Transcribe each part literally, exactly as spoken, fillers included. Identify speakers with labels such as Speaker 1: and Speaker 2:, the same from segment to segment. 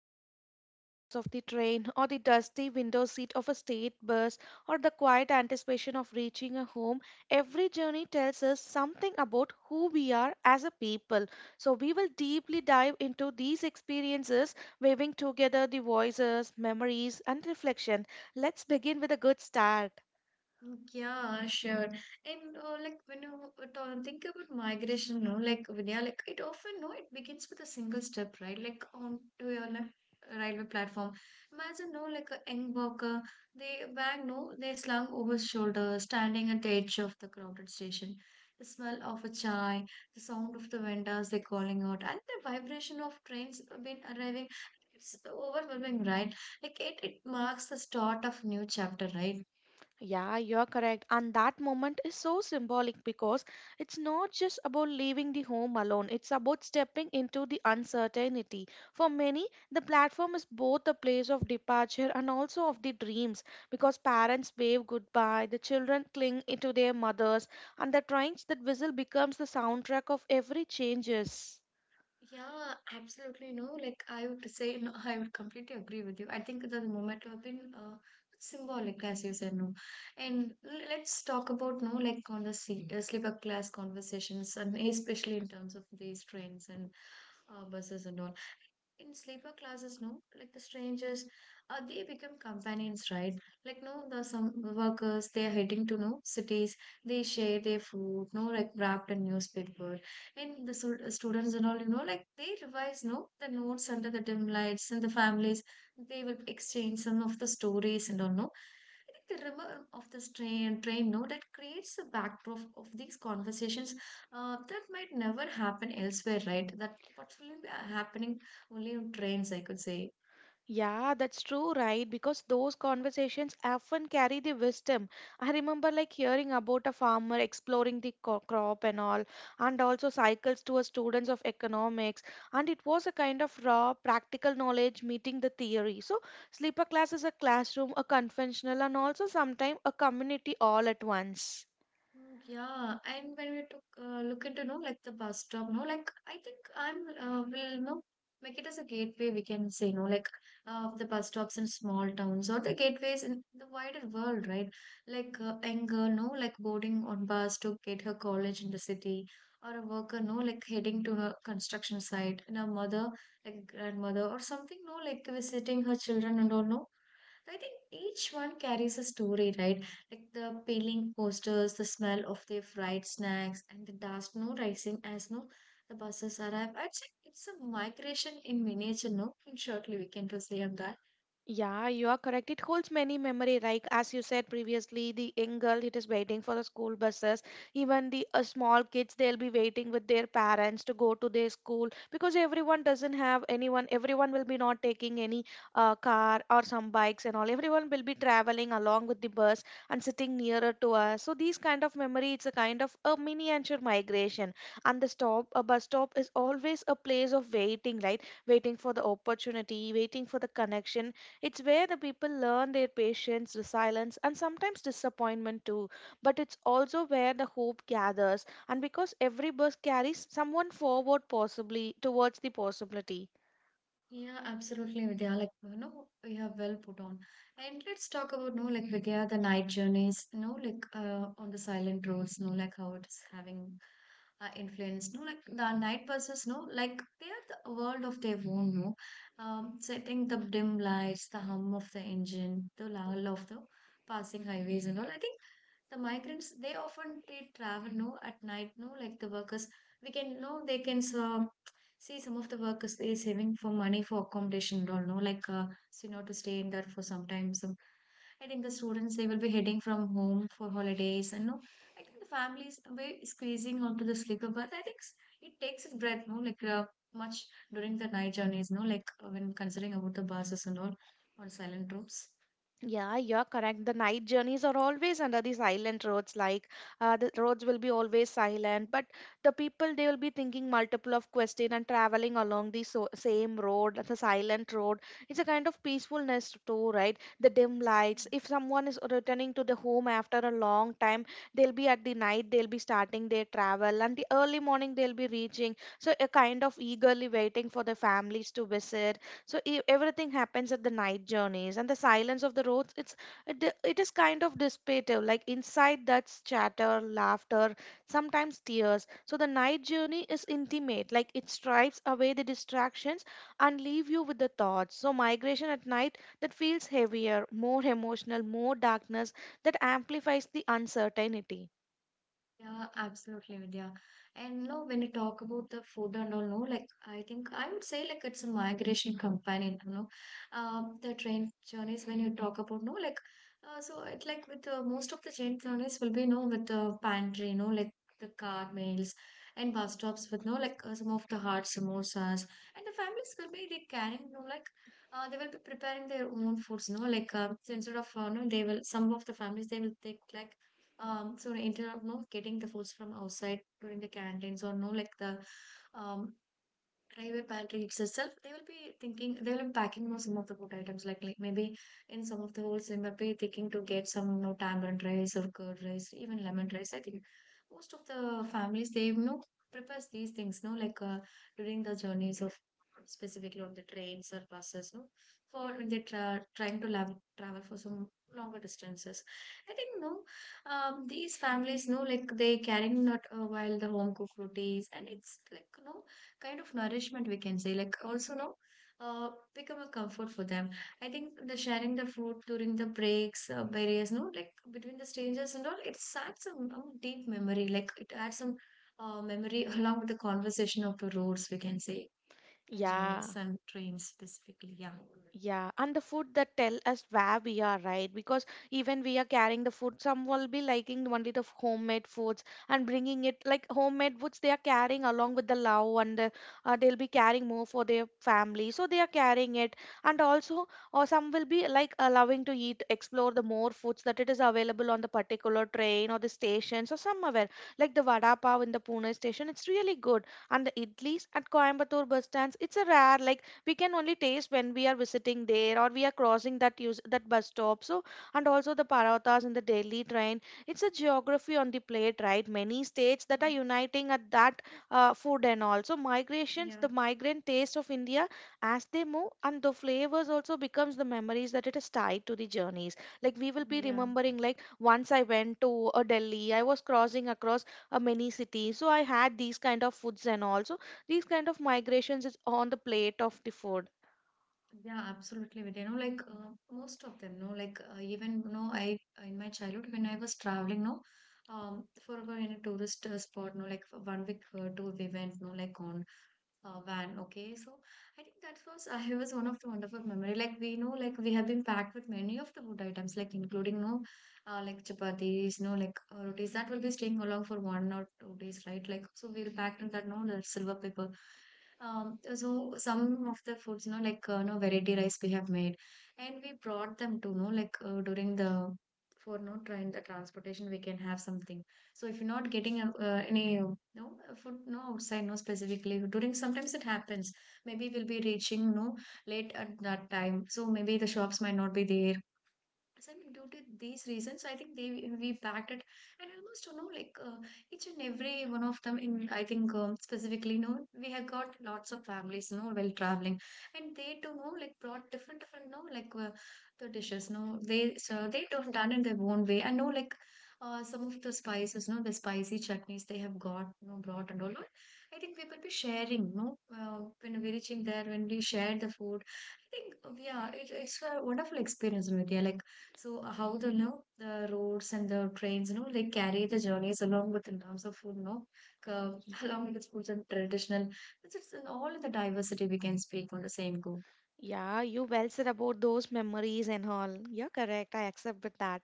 Speaker 1: crowded sleeper class of the train, or the dusty window seat of a state bus, or the quiet anticipation of reaching a home, every journey tells us something about who we are as a people. So we will deeply dive into these experiences, weaving together the voices, memories, and reflection. Let's begin with a good start.
Speaker 2: Mm. Yeah, sure. And uh, like when you uh, ta- think about migration, no, like Vidya, like it often, no, it begins with a single step, right? Like onto your like, railway platform. Imagine, no, like a young worker, they bag, no, they slung over his shoulder, standing at the edge of the crowded station. The smell of a chai, the sound of the vendors they calling out, and the vibration of trains been arriving. It's overwhelming, right? Like it, it marks the start of new chapter, right?
Speaker 1: Yeah, you're correct. And that moment is so symbolic because it's not just about leaving the home alone, it's about stepping into the uncertainty. For many, the platform is both a place of departure and also of the dreams because parents wave goodbye, the children cling to their mothers, and the trains that whistle becomes the soundtrack of every changes.
Speaker 2: Yeah, absolutely. No, like I would say, no, I would completely agree with you. I think that the moment have been uh, symbolic, as you said, no. And l- let's talk about, no, like on the se- uh, sleeper class conversations, and especially in terms of these trains and uh, buses and all in sleeper classes, no, like the strangers, uh, they become companions, right? Like no the some workers they are heading to no cities, they share their food, no, like wrapped in newspaper, and the sul- students and all, you know, like they revise no the notes under the dim lights, and the families they will exchange some of the stories and all, no. I think the rumor of this train train no that creates a backdrop of these conversations uh, that might never happen elsewhere, right? That what's really happening only on trains, I could say.
Speaker 1: Yeah, that's true, right? Because those conversations often carry the wisdom. I remember like hearing about a farmer exploring the co- crop and all, and also cycles to a students of economics, and it was a kind of raw practical knowledge meeting the theory. So sleeper class is a classroom, a conventional, and also sometimes a community all at once.
Speaker 2: Mm. Yeah, and when we took uh, look into no like the bus stop, no like I think I'm uh, will no make it as a gateway. We can say, no, like uh, the bus stops in small towns or the gateways in the wider world, right? Like uh, young girl, no, like boarding on bus to get her college in the city, or a worker, no, like heading to a construction site, and a mother like grandmother or something, no, like visiting her children and all, no. I think each one carries a story, right? Like the peeling coasters, the smell of their fried snacks, and the dust no rising as no the buses arrive. I'd say it's a migration in miniature. No, in shortly we can proceed on that.
Speaker 1: Yeah, you are correct. It holds many memory, like as you said previously, the young girl it is waiting for the school buses. Even the uh, small kids, they'll be waiting with their parents to go to their school because everyone doesn't have anyone. Everyone will be not taking any uh, car or some bikes and all. Everyone will be traveling along with the bus and sitting nearer to us. So these kind of memory, it's a kind of a miniature migration. And the stop, a bus stop, is always a place of waiting, right? Waiting for the opportunity, waiting for the connection, it's where the people learn their patience, resilience, and sometimes disappointment too. But it's also where the hope gathers, and because every bus carries someone forward, possibly towards the possibility.
Speaker 2: Yeah, absolutely, Vidya. Like, you know, we have well put on. And let's talk about, no, like, Vidya, the night journeys, you know, like, uh, on the silent roads, no, like, how it's having uh, influence, no, like, the night buses, no, like, they are the world of their own, no. Um, setting the dim lights, the hum of the engine, the lull of the passing highways and all. I think the migrants they often they travel no at night, no, like the workers we can know they can uh, see some of the workers they saving for money for accommodation and all, no, like uh, so you know to stay in there for some time some. I think the students they will be heading from home for holidays and no, I think the families we squeezing onto the sleeper berth. I think s- it takes its breath no like uh, much during the night journeys, no, like uh, when considering about the buses and all on silent routes.
Speaker 1: Yeah, you're correct. The night journeys are always under the silent roads. Like uh, the roads will be always silent, but the people they will be thinking multiple of question and traveling along the so same road, the silent road. It's a kind of peacefulness too, right? The dim lights. If someone is returning to the home after a long time, they'll be at the night. They'll be starting their travel, and the early morning they'll be reaching. So a kind of eagerly waiting for the families to visit, so e- everything happens at the night journeys, and the silence of the roads, it's it, d- it is kind of dissipative, like inside that's chatter, laughter, sometimes tears. So the night journey is intimate, like it stripes away the distractions and leave you with the thoughts. So migration at night, that feels heavier, more emotional, more darkness, that amplifies the uncertainty.
Speaker 2: Yeah, absolutely, Vidya. And no, when you talk about the food and all, no, like I think I would say like it's a migration companion, you know. Um, the train journeys when you talk about no, like uh, so it like with uh, most of the train journeys will be no with the pantry, no, like the car meals and bus stops with no like uh, some of the hard samosas, and the families will be they carrying no like uh, they will be preparing their own foods, no, like uh, so instead of uh, no, they will some of the families they will take like. Um, so instead of no getting the foods from outside during the canteens or no like the um private pantry itself, they will be thinking they will be packing, you know, some of the food items like like maybe in some of the holes they might be thinking to get some, you know, tamarind rice or curd rice, even lemon rice. I think most of the families they you know prepares these things, no, like uh, during the journeys of specifically on the trains or buses, no, for when they tra- trying to lav- travel for some longer distances. I think no, um, these families no, like they carrying not uh, while the home cooked rotis, and it's like no kind of nourishment we can say like also no uh become a comfort for them. I think the sharing the food during the breaks, uh, various, no, like between the strangers and all, it adds some um, deep memory, like it adds some uh, memory along with the conversation of the roads, we can say, and
Speaker 1: Yeah.
Speaker 2: journeys and trains specifically. Yeah.
Speaker 1: Yeah, and the food that tell us where we are, right? Because even we are carrying the food, some will be liking only the f- homemade foods and bringing it like homemade foods. They are carrying along with the love and the, uh, they'll be carrying more for their family. So they are carrying it. And also, or some will be like allowing to eat, explore the more foods that it is available on the particular train or the stations or somewhere. Like the vada pav in the Pune station, it's really good. And the idlis at Coimbatore bus stands, it's a rare, like we can only taste when we are visiting there or we are crossing that, use that bus stop. So, and also the parotas in the Delhi train, it's a geography on the plate, right? Many states that are
Speaker 2: Mm.
Speaker 1: uniting at that uh, food. And also migrations, the
Speaker 2: Yeah,
Speaker 1: migrant taste of India, as they move, and the flavors also becomes the memories that it is tied to the journeys. Like we will be
Speaker 2: yeah.
Speaker 1: remembering, like once I went to uh, Delhi, I was crossing across uh, many cities, so I had these kind of foods and all. So these kind of migrations is on the plate of the food.
Speaker 2: Yeah, absolutely, Vidya. You know, like uh, most of them, no, like uh, even no, I in my childhood when I was traveling, no, um, for our in a tourist uh, spot, no, like for one week uh, tour we went, no, like on uh, van, okay. So I think that was I was one of the wonderful memory. Like we know, like we have been packed with many of the food items, like including no, uh, like chapatis, no, like uh, rotis that will be staying along for one or two days, right? Like so we'll packed in that no, the silver paper. Um, so some of the foods, you know, like uh, no variety rice we have made, and we brought them to know like uh, during the for no train the transportation we can have something. So if you're not getting uh, uh, any, you know, food, no outside, no, specifically during sometimes it happens. Maybe we'll be reaching no late at that time, so maybe the shops might not be there. So, I mean, due to these reasons, I think they we backed it, and almost you know like uh, each and every one of them. In I think um, specifically, you know, we have got lots of families, you know, while traveling, and they too you know like brought different different, you know, like uh, the dishes, you know, they so they don't done in their own way. I know like uh, some of the spices, you know, the spicy chutneys they have got, you know, brought and all. That. I think we will be sharing, you know, uh, when we're reaching there, when we share the food. I think uh, yeah, it, it's a wonderful experience, Vidya. Like so uh, how the you know the roads and the trains, you know, they carry the journeys along with the terms of food, you know, uh,
Speaker 1: Y-
Speaker 2: along with the foods and traditional. It's, it's in all the diversity we can speak on the same go.
Speaker 1: Yeah, you well said about those memories and all. Yeah, correct. I accept with that.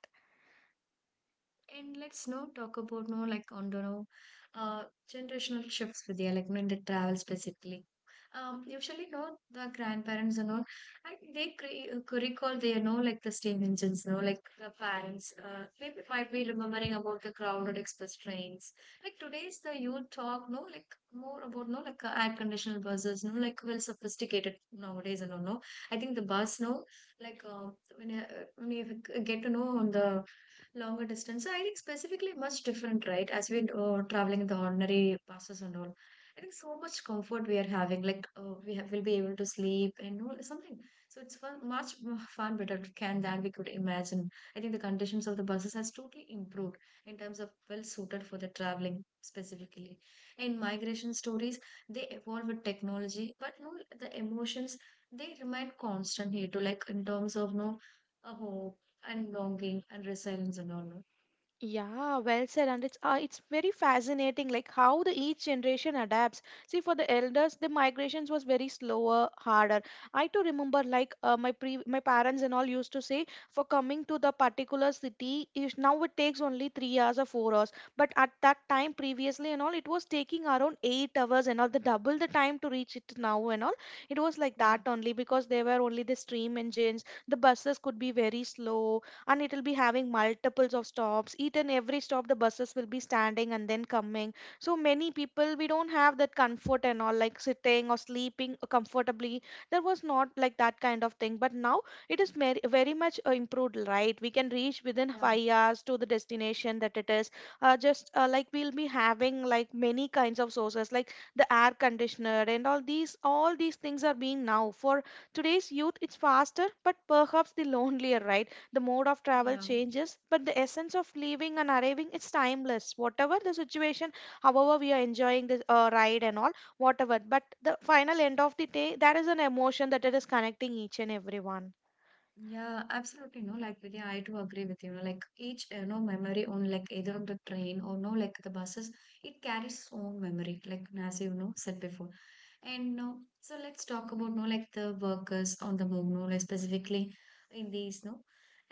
Speaker 2: And let's now talk about no like on the no, uh, generational shifts with you, like no, in the travel specifically. Um, usually, no, the grandparents and all, I, they cre- uh, could recall they know like the steam engines, no, like the parents. Uh, they might be remembering about the crowded express trains. Like today's the youth talk, no, like more about no like uh, air conditioned buses, no, like well sophisticated nowadays and all. No, I think the bus, no, like uh, when you, uh, when you get to know on the longer distance. So I think specifically much different, right? As we uh, traveling the ordinary buses and all. I think so much comfort we are having. Like uh, we have, will be able to sleep and all- something. So it's fun, much more far better to can than we could imagine. I think the conditions of the buses has totally improved in terms of well suited for the traveling specifically. And migration stories they evolve with technology, but you know, the emotions they remain constant here too. Like in terms of no, a hope and longing and resilience and all, no?
Speaker 1: Yeah, well said, and it's uh, it's very fascinating, like how the each generation adapts. See, for the elders, the migrations was very slower, harder. I too remember, like uh, my pre my parents and all used to say, for coming to the particular city, is now it takes only three hours or four hours. But at that time, previously and all, it was taking around eight hours and all, the double the time to reach it now and all. It was like
Speaker 2: Yeah,
Speaker 1: that only because there were only the steam engines. The buses could be very slow, and it will be having multiples of stops. Each and every stop the buses will be standing and then coming. So many people, we don't have that comfort and all, like sitting or sleeping comfortably. There was not like that kind of thing, but now it is mer- very much uh, improved, right? We can reach within
Speaker 2: yeah,
Speaker 1: five hours to the destination. That it is uh, just uh, like we'll be having like many kinds of sources like the air conditioner and all, these all these things are being now for today's youth. It's faster, but perhaps the lonelier, right? The mode of travel
Speaker 2: yeah.
Speaker 1: changes, but the essence of leaving and arriving is timeless, whatever the situation. However, we are enjoying this uh, ride and all, whatever, but the final end of the day, that is an emotion that it is connecting each and everyone.
Speaker 2: Yeah, absolutely. No, like Vidya, I do agree with you. No, like each you know memory on like either of the train or no like the buses, it carries its own memory. Like as you know said before, and no, so let's talk about no like the workers on the move. No, like specifically in these no,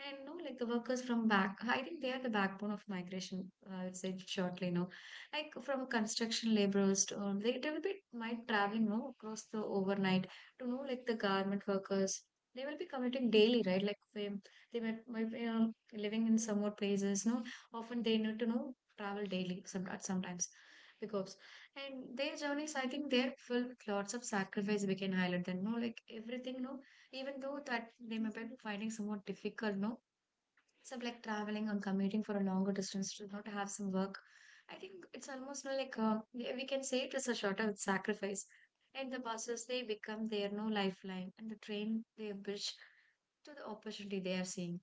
Speaker 2: and no like the workers from back. I think they are the backbone of migration. I would say shortly. No, like from construction laborers to um, they they will be might traveling no across the overnight to know like the garment workers, they will be committing daily, right? Like they, they might, might be, you know, living in somewhat places. No, often they need to know travel daily. Some sometimes because and their journeys, I think they're filled with lots of sacrifice. We can highlight them. No, like everything. No, even though that they may be finding somewhat difficult. No, some like traveling and commuting for a longer distance to not have some work. I think it's almost no, like uh, we we can say it is a shorter sacrifice. And the buses, they become their no lifeline, and the train, they bridge to the opportunity they are seeing.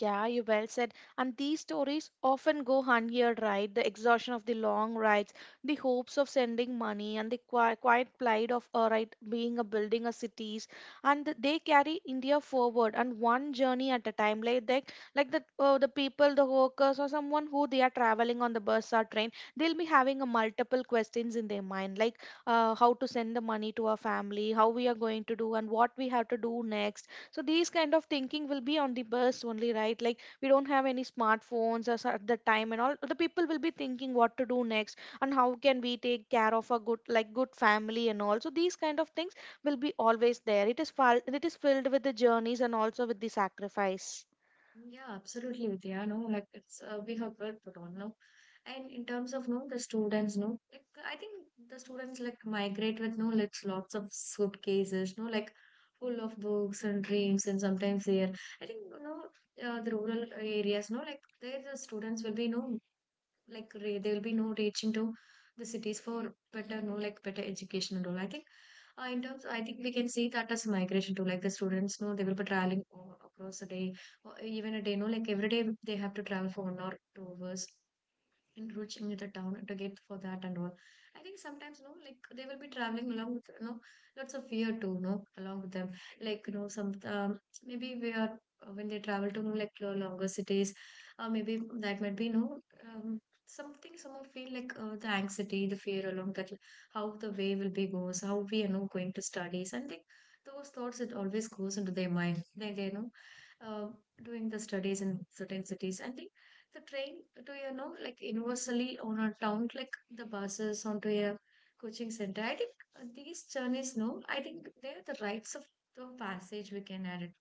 Speaker 1: Yeah, you well said. And these stories often go unheard, right? The exhaustion of the long rides, the hopes of sending money, and the qui- quiet plight of uh, right being a building a cities, and th- they carry India forward and one journey at a time. Like they, like the uh, the people, the workers, or someone who they are traveling on the bus or train, they'll be having a multiple questions in their mind, like uh, how to send the money to our family, how we are going to do, and what we have to do next. So these kind of thinking will be on the bus only, right? Like we don't have any smartphones as at the time and all. The people will be thinking what to do next and how can we take care of a good, like good family and all. So these kind of things will be always there. It is fal- it is filled with the journeys and also with the sacrifice.
Speaker 2: Yeah, absolutely, Vidya. No, like it's uh, we have well put on no, and in terms of no, the students no, like I think the students like migrate with no, like lots of suitcases, no, like full of books and dreams, and sometimes they are. I think you know uh, the rural areas, no, like there the students will be no like re- there will be no reaching to the cities for better no like better education and all. I think uh, in terms I think we can see that as migration too, like the students no, they will be traveling o- across a day or even a day no like every day they have to travel for one or two hours and reaching the town to get for that and all. I think sometimes, you know, like they will be traveling along with, you know, lots of fear too, you know, along with them. Like, you know, some um, maybe we are uh, when they travel to no, like lo- longer cities, uh, maybe that might be, you know, um, something some of feel like uh, the anxiety, the fear along that, how the way will be goes, how we are you know going to studies, and they, those thoughts it always goes into their mind. They they you know. Uh, doing the studies in certain cities. I think the train to you know like universally on a town, like the buses onto a coaching center. I think uh, these journeys no I think they're the rites of the passage we can add it.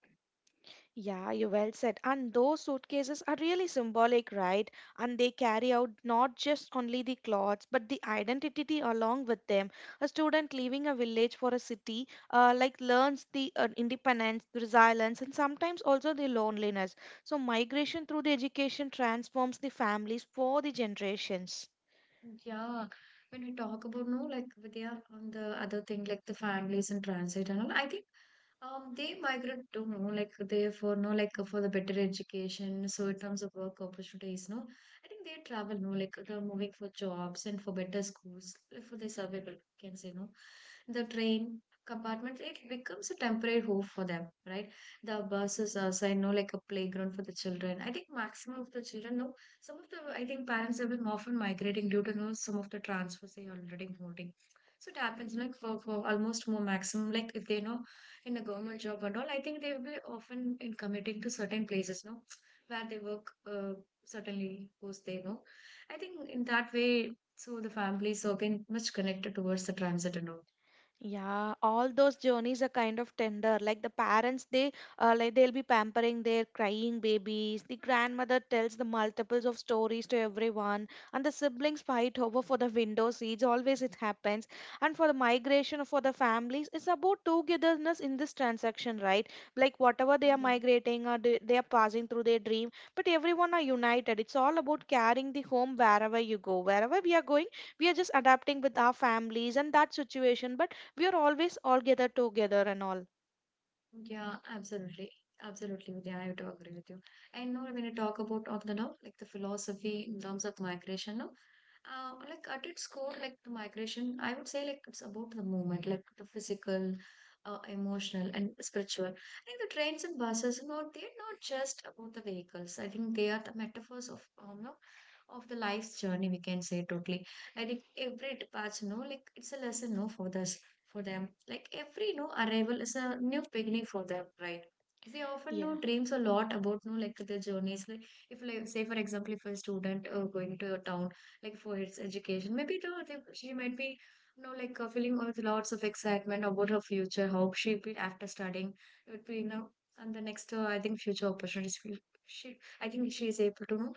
Speaker 1: Yeah, you well said. And those suitcases are really symbolic, right? And they carry out not just only the clothes, but the identity along with them. A student leaving a village for a city, uh, like learns the uh, independence, the resilience, and sometimes also the loneliness. So migration through the education transforms the families for the generations.
Speaker 2: Yeah, when we talk about no like Vidya on the other thing like the families and transit and all, I think Um, they migrate to know, like they for no like for the better education. So in terms of work opportunities, no, I think they travel no like they're moving for jobs and for better schools like, for the survival. Can say no, the train compartment like, it becomes a temporary home for them, right? The buses are so I know like a playground for the children. I think maximum of the children no. Some of the I think parents have been often migrating due to no some of the transfers they already holding. So it happens like for, for almost more maximum like if they know in a government job and all, I think they will be often in committing to certain places, no, where they work uh, certainly goes they know. I think in that way, so the families are being much connected towards the transit and all.
Speaker 1: Yeah, all those journeys are kind of tender. Like the parents, they uh, like they'll be pampering their crying babies. The grandmother tells the multiples of stories to everyone, and the siblings fight over for the window seats. Always it happens. And for the migration for the families, it's about togetherness in this transaction, right? Like whatever they are
Speaker 2: Yeah.
Speaker 1: migrating or they they are passing through their dream, but everyone are united. It's all about carrying the home wherever you go. Wherever we are going, we are just adapting with our families and that situation. But we are always all gathered together and all.
Speaker 2: Yeah, absolutely. Absolutely, Vidya. I do agree with you. And now, when you talk about of the now, like the philosophy in terms of migration, no, uh, like at its core, like the migration, I would say like it's about the movement, like the physical, uh, emotional, and spiritual. I think the trains and buses, no, they're not just about the vehicles. I think they are the metaphors of um, no, of the life's journey. We can say totally. I think every departure, no, like it's a lesson, no, for us for them. Like every new arrival is a new beginning for them, right? They often know
Speaker 1: Yeah.
Speaker 2: dreams a lot about no like their journeys. Like if like say for example, if a student uh, going to a town like for his education, maybe you know, they- she might be you know like uh, feeling with lots of excitement about her future, how she be after studying. It would be you know and the next uh, I think future opportunities. will- She, I think she is able to you know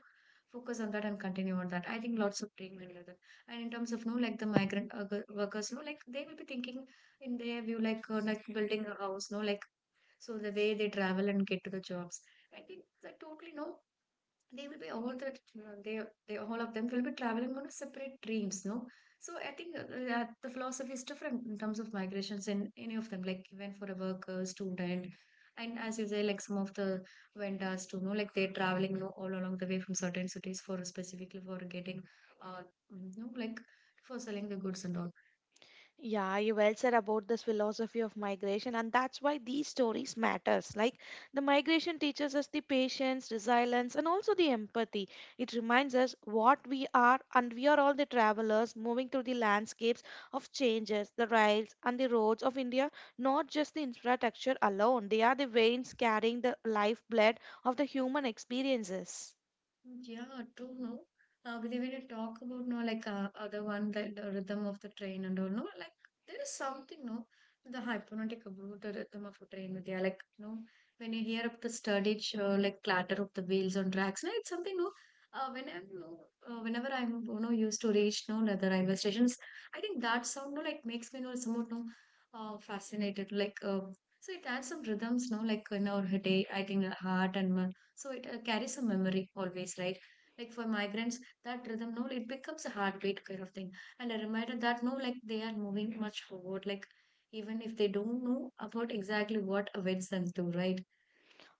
Speaker 2: focus on that and continue on that. I think lots of dreams and that. And in terms of no, like the migrant uh, workers, no, like they will be thinking in their view, like uh, like building a house, no, like so the way they travel and get to the jobs, I think that totally no. They will be all that you know, they they all of them will be traveling on a separate dreams, no. So I think uh, that the philosophy is different in terms of migrations in any of them, like even for a worker, student, and as you say, like some of the vendors too, no, like they're traveling, no, all along the way from certain cities for specifically for getting, uh, you know, like for selling the goods and all.
Speaker 1: Yeah, you well said about this philosophy of migration, and that's why these stories matters. Like the migration teaches us the patience, resilience, and also the empathy. It reminds us what we are, and we are all the travelers moving through the landscapes of changes. The rails and the roads of India, not just the infrastructure alone. They are the veins carrying the lifeblood of the human experiences.
Speaker 2: Yeah, true, no. Uh, but when you talk about no, like uh, other one, the, the rhythm of the train and all, no, like there is something, no, the hypnotic about the rhythm of a train, Vidya. Like, no, when you hear of the sturdy, uh, like clatter of the wheels on tracks, no, it's something, no. Uh, whenever, no, uh, whenever I'm, you know, used to reach, no, the other railway stations, I think that sound, no, like makes me, no, somewhat, no, uh, fascinated. Like, uh, so it adds some rhythms, no, like in our day, I think, uh, heart and uh, so it uh, carries a memory always, right? Like for migrants, that rhythm, no, it becomes a heartbeat kind of thing. And a reminder that, no, like they are moving much forward, like even if they don't know about exactly what awaits them to, right?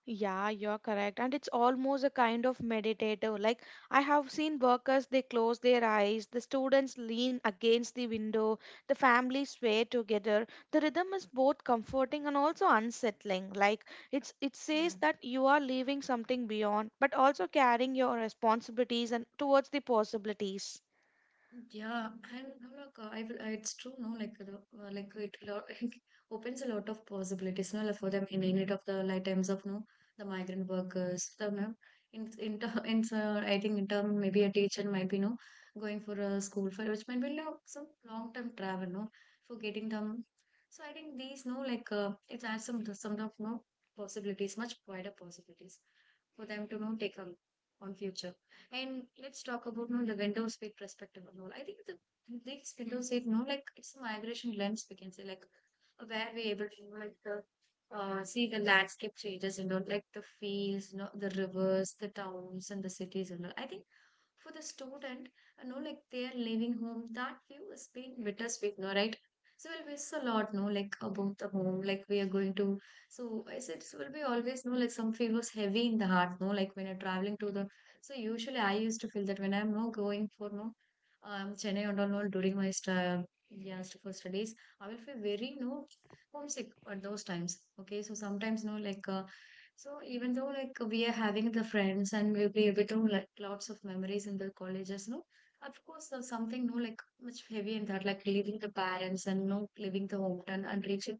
Speaker 1: Yeah, you're correct. And it's almost a kind of meditative. Like, I have seen workers, they close their eyes, the students lean against the window, the families sway together. The rhythm is both comforting and also unsettling. Like, it's it
Speaker 2: Yeah.
Speaker 1: says that you are leaving something beyond, but also carrying your responsibilities and towards the possibilities.
Speaker 2: Yeah, I'm, I'm like, uh, I will, uh, it's true, no, like, the, uh, like it, lo- it opens a lot of possibilities, no, like for them in any of the like times of, no, the migrant workers, the, no, in, in, ter- in, uh, I think in term, maybe a teacher might be, no, going for a school for, which might be, like, some long-term travel, no, for getting them. So I think these, no, like, uh, it adds some, some of, no, possibilities, much wider possibilities for them to know take on on future. And let's talk about you know, the window seat perspective and all. I think the these window seat, you know, like it's a migration lens we can say, like where we able to you know, like the uh, see the landscape changes and all, like the fields, you know, the rivers, the towns, and the cities and all. I think for the student, you know, like they are leaving home, that view is being bittersweet, no, right? So we'll miss a lot, no, like about the home, like we are going to, so I said it will be always no like some feel was heavy in the heart, no, like when you're traveling to the, so usually I used to feel that when I'm no going for no um Chennai and all no, during my stu- yeah stu- for studies, I will feel very no homesick at those times. Okay. So sometimes no like uh, so even though like we are having the friends and we'll be able to like lots of memories in the colleges, no, of course there's something no like much heavy in that, like leaving the parents and no leaving the hometown and reaching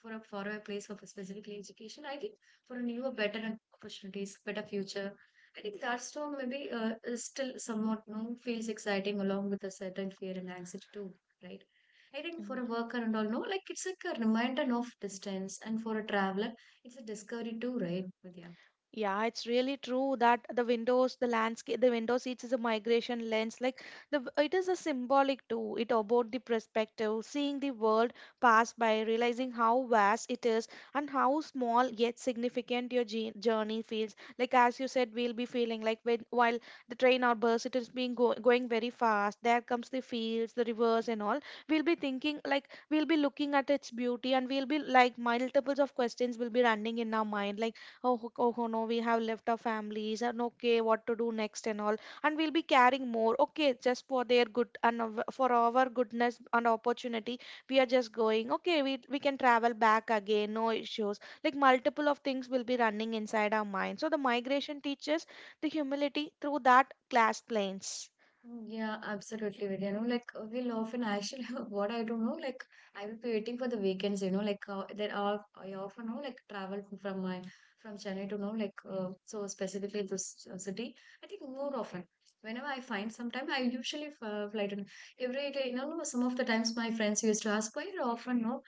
Speaker 2: for a for a place of a specific education. I think for a newer, better opportunities, better future. I think that storm maybe uh, is still somewhat no feels exciting along with a certain fear and anxiety too, right? I think for a
Speaker 1: Mm-hmm.
Speaker 2: worker and all, no, like it's like a reminder of distance, and for a traveler, it's a discovery too, right? Vidya?
Speaker 1: Yeah, it's really true that the windows, the landscape, the window seats is a migration lens. Like the, v- it is a symbolic too. It about the perspective, seeing the world pass by, realizing how vast it is and how small yet significant your je- journey feels. Like as you said, we'll be feeling like when while the train or bus it is being go, going very fast. There comes the fields, the rivers and all. We'll be thinking like we'll be looking at its beauty and we'll be like multiples of questions will be running in our mind. Like Oh, ho- oh, ho, no, we have left our families and okay, what to do next and all. And we'll be carrying more. Okay, just for their good and of- for our goodness and opportunity, we are just going. Okay, we, we can travel back again, no issues. Like multiple of things will be running inside our mind. So the migration teaches the humility through that class planes.
Speaker 2: Mm, yeah, absolutely, Vidya. You know, like uh, we'll often actually what I don't know, like I will be waiting for the weekends. You know, like uh, there are I often know like travel from from my from Chennai to know like uh, so specifically this uh, city. I think more often whenever I find some time, I usually f- uh, fly to every day. You know, some of the times my friends used to ask why you often know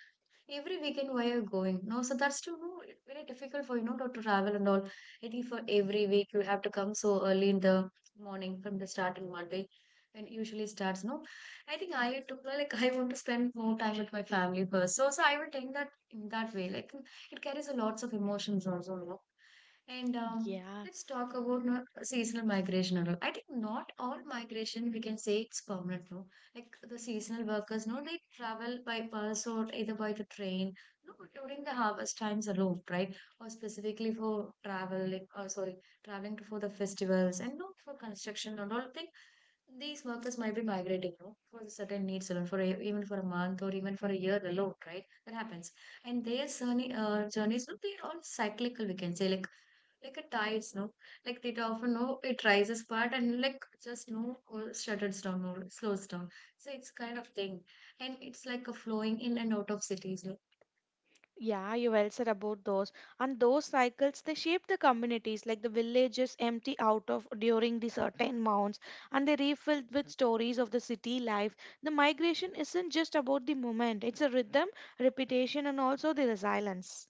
Speaker 2: every weekend where you're going. No, so that's too no, very difficult for you know to to travel and all. I think for every week you have to come so early in the morning from the starting Monday. And usually starts, no. I think I took like I want to spend more time with my family first. So so I will take that in that way. Like it carries a lots of emotions also, you know. And um,
Speaker 1: Yeah.
Speaker 2: Let's talk about no, seasonal migration and all. I think not all migration we can say it's permanent, no like the seasonal workers, no, they travel by bus or either by the train, no, but during the harvest times alone, right? Or specifically for travel, like, uh, sorry, traveling to, for the festivals and no, for construction and all thing. These workers might be migrating, no, for certain needs alone, for a, even for a month or even for a year alone, right? That happens, and their journey, uh, journeys, no, they are all cyclical. We can say like like a tides, no? Like theta often a no, it rises part and like just no or shutters down or slows down. So it's kind of thing. And it's like a flowing in and out of cities. No?
Speaker 1: Yeah, you well said about those. And those cycles, they shape the communities, like the villages empty out of during the certain months, and they refilled with stories of the city life. The migration isn't just about the moment; it's a rhythm, repetition, and also the resilience.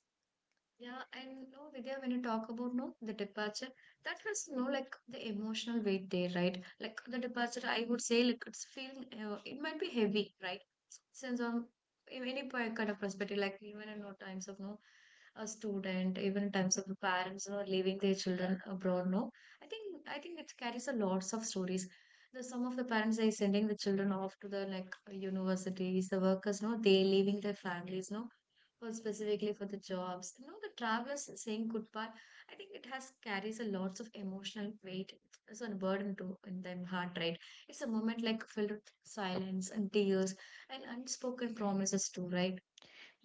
Speaker 2: Yeah, and no, Vidya, when you talk about no the departure, that has no like the emotional weight there, right? Like the departure, I would say like it's feeling uh, it might be heavy, right? Since um in any point kind of perspective, like even in no times of no a student, even in times of the parents who are leaving their children abroad, no, I think I think it carries a lots of stories. The some of the parents are sending the children off to the like universities, the workers, no, they leaving their families, no for specifically for the jobs. You know, the travelers saying goodbye, I think it has carries a lots of emotional weight, so a burden to in their heart, right? It's a moment like filled with silence and tears and unspoken promises too, right?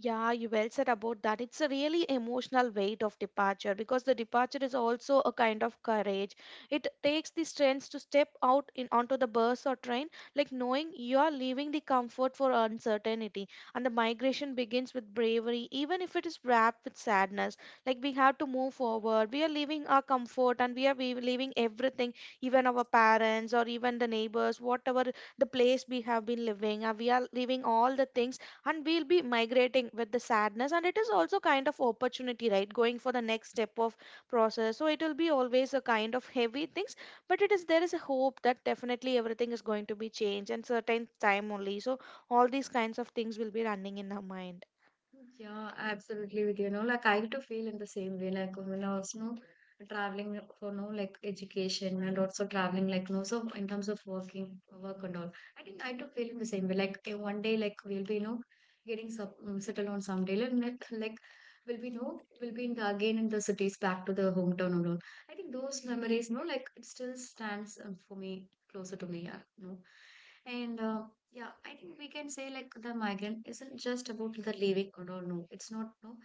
Speaker 1: Yeah, you well said about that. It's a really emotional weight of departure because the departure is also a kind of courage. It takes the strength to step out in onto the bus or train, like knowing you are leaving the comfort for uncertainty. And the migration begins with bravery, even if it is wrapped with sadness. Like we have to move forward. We are leaving our comfort and we are we- leaving everything, even our parents or even the neighbors, whatever the place we have been living. uh, We are leaving all the things, and we'll be migrating with the sadness. And it is also kind of opportunity, right? Going for the next step of process, so it will be always a kind of heavy things, but it is there is a hope that definitely everything is going to be changed and certain time only. So all these kinds of things will be running in our mind.
Speaker 2: Yeah, absolutely with you know, like I too feel in the same way, like when I was no traveling for no like education and also traveling like no so in terms of working work and all. I think I too feel in the same way. Like eh, one day like we'll be you know getting sub um, settled on someday and like like, like, we'll be no we'll be in the, again in the cities back to the hometown and all. I think those memories no like it still stands um, for me closer to me, yeah, you know. And uh, Yeah, I think we can say like the migrant isn't just about the leaving or no no it's not no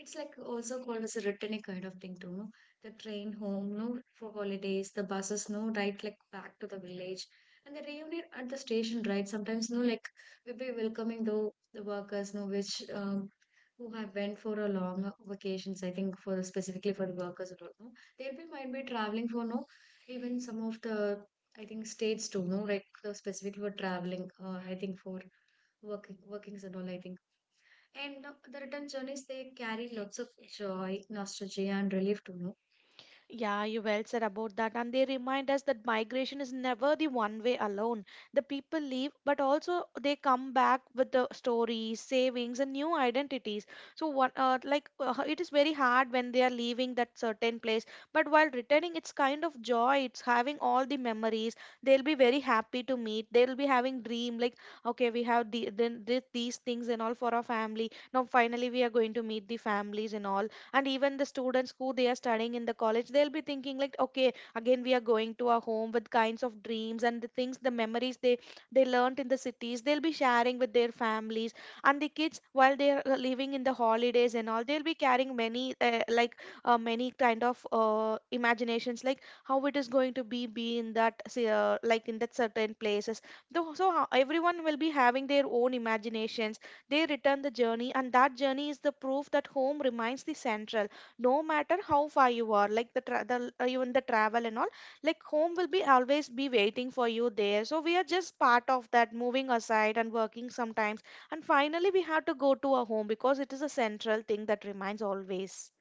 Speaker 2: it's like also called as a returning kind of thing too no the train home no for holidays the buses no right like back to the village and the reunion at the station right sometimes no like we'll be welcoming though the workers no which um who have went for a long vacations. I think for specifically for the workers or no they'll be might be traveling for no even some of the I think states too, no, like uh, specifically for traveling. Uh, I think for working, workings and all. I think, and uh, the return journeys they carry lots of joy, nostalgia, and relief too. No,
Speaker 1: Yeah, you well said about that. And they remind us that migration is never the one way alone. The people leave, but also they come back with the stories, savings, and new identities. So, what? Uh, like, uh, it is very hard when they are leaving that certain place. But while returning, it's kind of joy. It's having all the memories. They'll be very happy to meet. They'll be having dream like, okay, we have the, then this, these things and all for our family. Now, finally, we are going to meet the families and all. And even the students who they are studying in the college, they'll be thinking like, okay, again we are going to our home with kinds of dreams. And the things, the memories they they learnt in the cities, they'll be sharing with their families. And the kids while they're uh, living in the holidays and all, they'll be carrying many uh, like uh, many kind of uh, imaginations, like how it is going to be be in that say, uh, like in that certain places. Though- so how everyone will be having their own imaginations, they return the journey, and that journey is the proof that home remains the central. No matter how far you are, like the, tra- the uh, even the travel and all, like home will be always be waiting for you there. So we are just part of that, moving aside and working sometimes, and finally we have to go to a home because it is a central thing that remains always.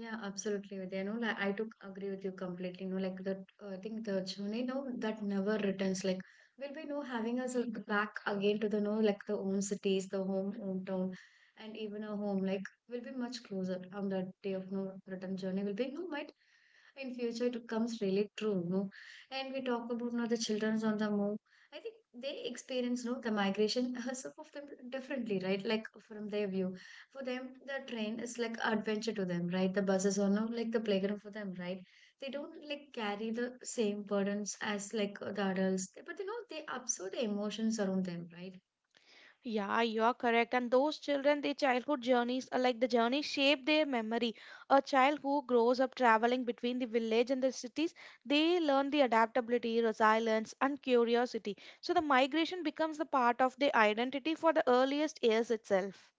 Speaker 2: yeah, absolutely, Vidya. No, like I took agree with you completely. No, like that, uh, I think the journey, no, that never returns. Like, will be no having us like, back again to the no, like the own cities, the home, hometown, and even our home. Like, will be much closer on that day of no return journey. Will be no, might in future it comes really true no and we talk about no the children's on the move. I think they experience no the migration some of them differently, right? Like from their view, for them, the train is like adventure to them, right? The buses are not like the playground for them, right? They don't like carry the same burdens as like the adults, but you know they absorb the emotions around them, right?
Speaker 1: Yeah, you are correct. And those children, their childhood journeys are like the journey shape their memory. A child who grows up traveling between the village and the cities, they learn the adaptability, resilience, and curiosity. So the migration becomes the part of their identity for the earliest years itself.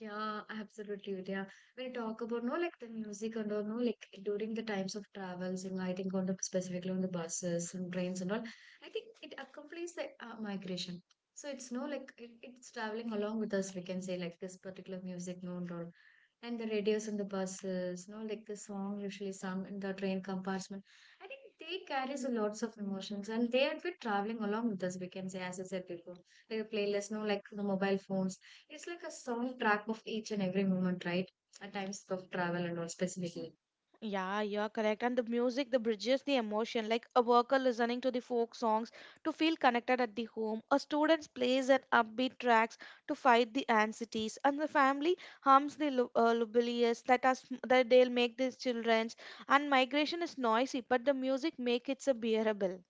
Speaker 2: Yeah, absolutely, Vidya. When you talk about no like the music and all, no like during the times of travels, and I think on the specifically on the buses and trains and all, I think it accompanies the uh, migration. So it's no like it, it's traveling along with us. We can say like this particular music, no and all, and the radios on the buses, no like the song usually sung in the train compartment. I think they carries a lots of emotions, and they are bit traveling along with us. We can say, as I said before, like the playlist, no like the mobile phones it's like a soundtrack of each and every moment, right? At times of travel and all specifically.
Speaker 1: Yeah, you're correct. And the music, the bridges, the emotion, like a worker listening to the folk songs to feel connected at the home, a student plays an upbeat tracks to fight the anxieties, and the family hums the lu- uh, lullabies that us that they'll make these childrens. And migration is noisy, but the music make it so bearable.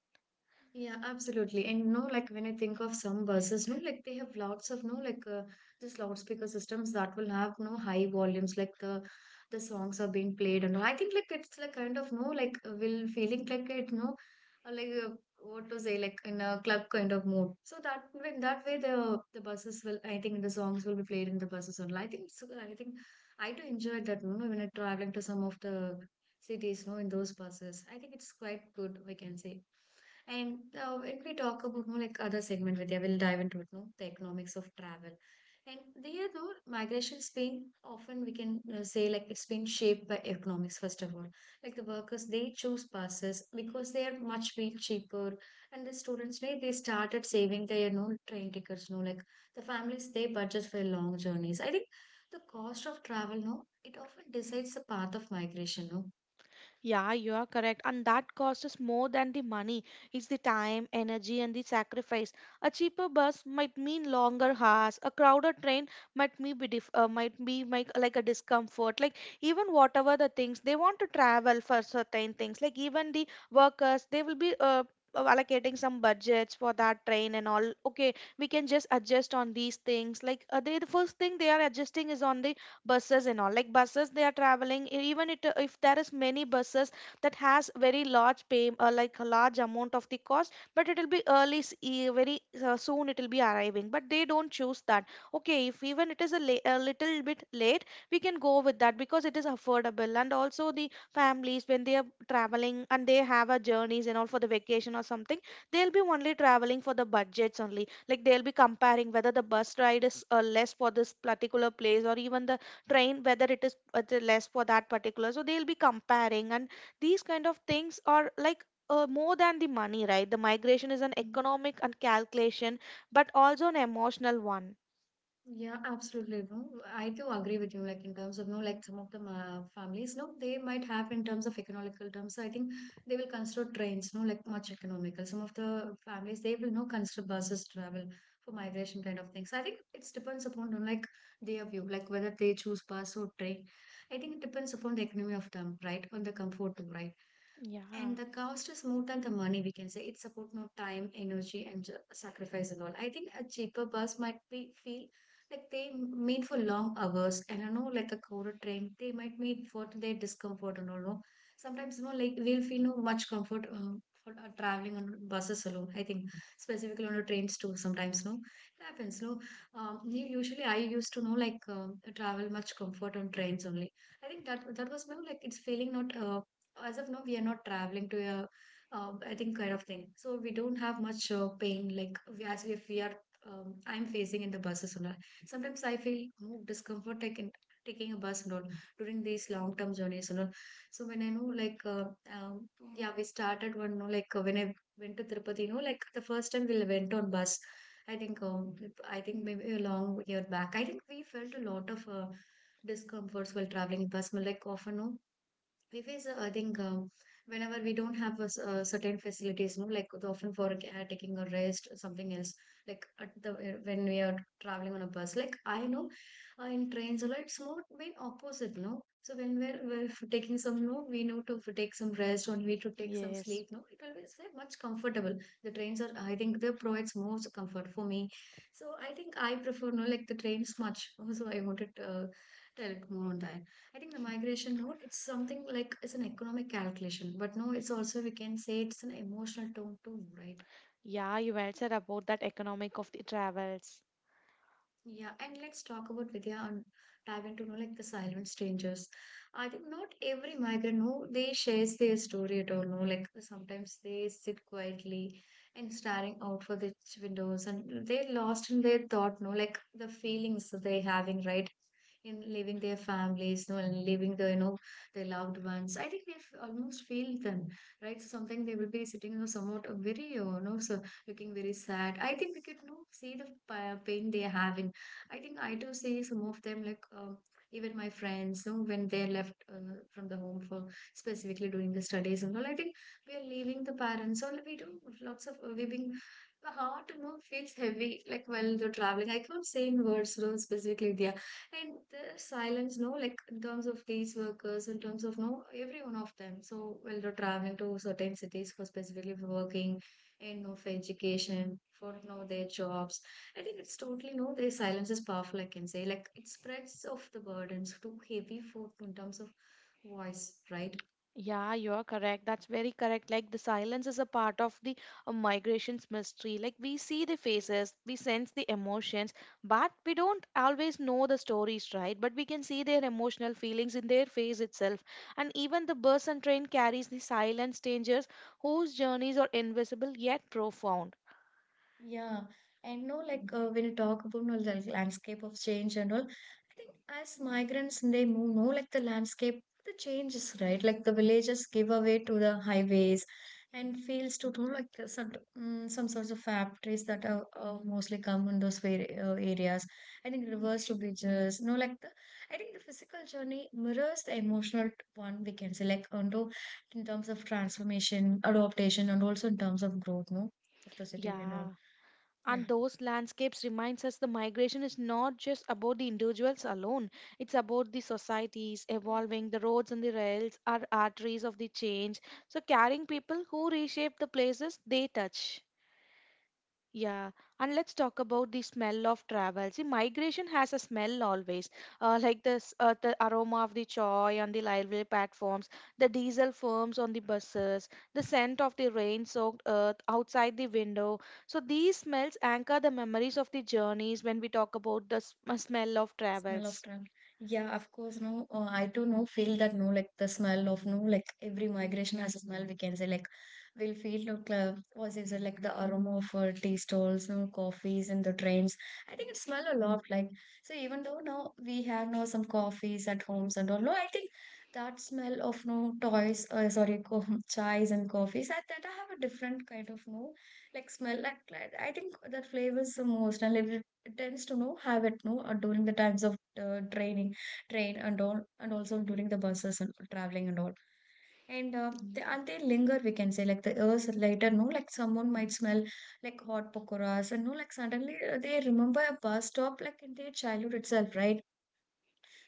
Speaker 2: Yeah, absolutely. And no, like when I think of some buses, no, like they have lots of no, like uh, this loudspeaker systems that will have no high volumes, like the the songs are being played, and all. I think like it's like kind of no, like uh, will feeling like it, no, uh, like uh, what to say, like in a club kind of mood. So that when that way the the buses will, I think the songs will be played in the buses only. I think so. I think I do enjoy that, no, when I'm traveling to some of the cities, no, in those buses. I think it's quite good, we can say. And uh, When we talk about no like other segment, Vidya, we'll dive into it, no, the economics of travel. And there, no, migration's been often we can uh, say like it's been shaped by economics first of all. Like the workers, they choose passes because they are much be cheaper, and the students, they they started saving their no train tickets, no like the families they budget for long journeys. I think the cost of travel, no, it often decides the path of migration, no.
Speaker 1: Yeah, you are correct. And that cost is more than the money. It's the time, energy, and the sacrifice. A cheaper bus might mean longer hours. A crowded train might me be dif- uh, might be like, like a discomfort. Like even whatever the things they want to travel for certain things. Like even the workers, they will be uh, uh, allocating some budgets for that train and all. Okay, we can just adjust on these things. Like uh, they, the first thing they are adjusting is on the buses and all. Like buses, they are traveling e- even it, if there is many buses that has very large pay uh, like a large amount of the cost, but it will be early s- e- very uh, soon it will be arriving, but they don't choose that. Okay, if even it is a, la- a little bit late, we can go with that because it is affordable. And also the families, when they are traveling and they have a journeys and all for the vacation or something, they'll be only traveling for the budgets only. Like they'll be comparing whether the bus ride is uh, less for this particular place or even the train, whether it is uh, the less for that particular. So they'll be comparing. And these kind of things are like uh, more than the money, right? The migration is an economic and calculation, but also an emotional one.
Speaker 2: Yeah, absolutely. No, I do agree with you. Like in terms of no, like some of the uh, families, no, they might have in terms of economical terms. I think they will consider trains, no, like much economical. Some of the families they will no consider buses travel for migration kind of things. I think it depends upon on like their view, like whether they choose bus or train. I think it depends upon the economy of them, right, on the comfort, too, right. And
Speaker 1: Yeah,
Speaker 2: the cost is more than the money, we can say. It's about no time, energy, and ju- sacrifice and all. I think a cheaper bus might be feel like they m- made for long hours. And I know, like a crowded train, they might meet for their discomfort and all. No? Sometimes, you know, like we'll feel no much comfort um, for uh, traveling on buses alone. I think specifically on the trains too. Sometimes, no, it happens. No, um, u- usually I used to know like um travel much comfort on trains only. I think that that was more like it's feeling not. Uh, as of now we are not traveling to a uh, I think kind of thing, so we don't have much uh, pain like we as if we are um, I'm facing in the buses and all. Sometimes I feel more discomfort taking taking a bus and all during these long term journeys and all. So when I know like uh, um, yeah we started one no like uh, when I went to tirupati, you know, like the first time we went on bus. I think um, I think maybe a long year back I think we felt a lot of uh, discomforts while traveling bus like often no, because uh, I think uh, whenever we don't have a, s- uh, certain facilities, no, like the often for uh, taking a rest, or something else, like at the uh, when we are traveling on a bus, like I know uh, in trains, a lot, it's more been opposite, no. So when we're, we're f- taking some, no, we know to f- take some rest or we to take some
Speaker 1: yes.
Speaker 2: sleep, no, it will be it's very much comfortable. The trains are, I think, they provides more comfort for me. So I think I prefer, no, like the trains much. Also, I wanted to uh, tell more on that. I think the migration note, it's something like it's an economic calculation, but no, it's also we can say it's an emotional tone too, right?
Speaker 1: Yeah, you well said about that economic of the travels.
Speaker 2: Yeah, and let's talk about Vidya and dive into you know, like the silent strangers. I think not every migrant, no, they shares their story at all. No, like sometimes they sit quietly and staring out for the ch- windows, and they're lost in their thought. No, like the feelings that they're having right in leaving their families, no, and leaving the you know their loved ones. I think we f- almost feel them, right? So something they will be sitting, you know, somewhat, uh, very, uh, you know, so looking very sad. I think we could, you know, see the pa- pain they are having. I think I do see some of them, like, um, even my friends, you know, when they left uh, from the home for specifically during the studies and all. I think we are leaving the parents, so we do lots of uh, we being the heart, you know, feels heavy like while you're traveling. I can't say in words, you know, specifically there. And the silence, no, like in terms of these workers, in terms of, no, every one of them. So while they're traveling to certain cities for specifically for working and, no, for education, for, no, their jobs. I think it's totally, no, the silence is powerful, I can say. Like it spreads off the burdens too heavy for in terms of voice, right?
Speaker 1: Yeah, you're correct. That's very correct. Like the silence is a part of the uh, migration's mystery. Like we see the faces, we sense the emotions, but we don't always know the stories, right? But we can see their emotional feelings in their face itself. And even the bus and train carries the silent strangers whose journeys are invisible yet profound.
Speaker 2: Yeah, and, no, like, uh, when you talk about, no, the landscape of change and all, I think as migrants they move, no, like the landscape, the changes, right? Like the villages give away to the highways and fields to, no, like the, some, mm, some sorts of factories that are, uh, mostly come in those very, uh, areas. I think rivers to bridges, no, like the, I think the physical journey mirrors the emotional one. We can say like onto in terms of transformation, adaptation, and also in terms of growth, no, of the city and all.
Speaker 1: Yeah.
Speaker 2: Yeah.
Speaker 1: And those landscapes reminds us the migration is not just about the individuals alone. It's about the societies evolving. The roads and the rails are arteries of the change, so carrying people who reshape the places they touch. Yeah, and let's talk about the smell of travel. See, migration has a smell always, uh, like this, uh, the aroma of the choy on the railway platforms, the diesel fumes on the buses, the scent of the rain-soaked earth outside the window. So these smells anchor the memories of the journeys when we talk about the sm- smell of
Speaker 2: Smell of
Speaker 1: travels.
Speaker 2: travel. Yeah, of course. No, uh, I too, no, feel that, no, like the smell of, no, like every migration has a smell. We can say like we'll feel like, uh, what is it like the aroma of, uh, tea stalls, no, coffees in the trains. I think it smell a lot. Like so, even though now we have now some coffees at homes and all, no, I think that smell of, no, toys, uh, sorry, co chais and coffees. I that I have a different kind of, no, like smell. Like, like, I think that flavors the most, and it tends to know have it, no, uh, during the times of uh, training train and all, and also during the buses and traveling and all. And uh, they, and they linger, we can say, like the hours later, no, like someone might smell like hot pakoras, and, no, like suddenly, uh, they remember a bus stop like in their childhood itself, right?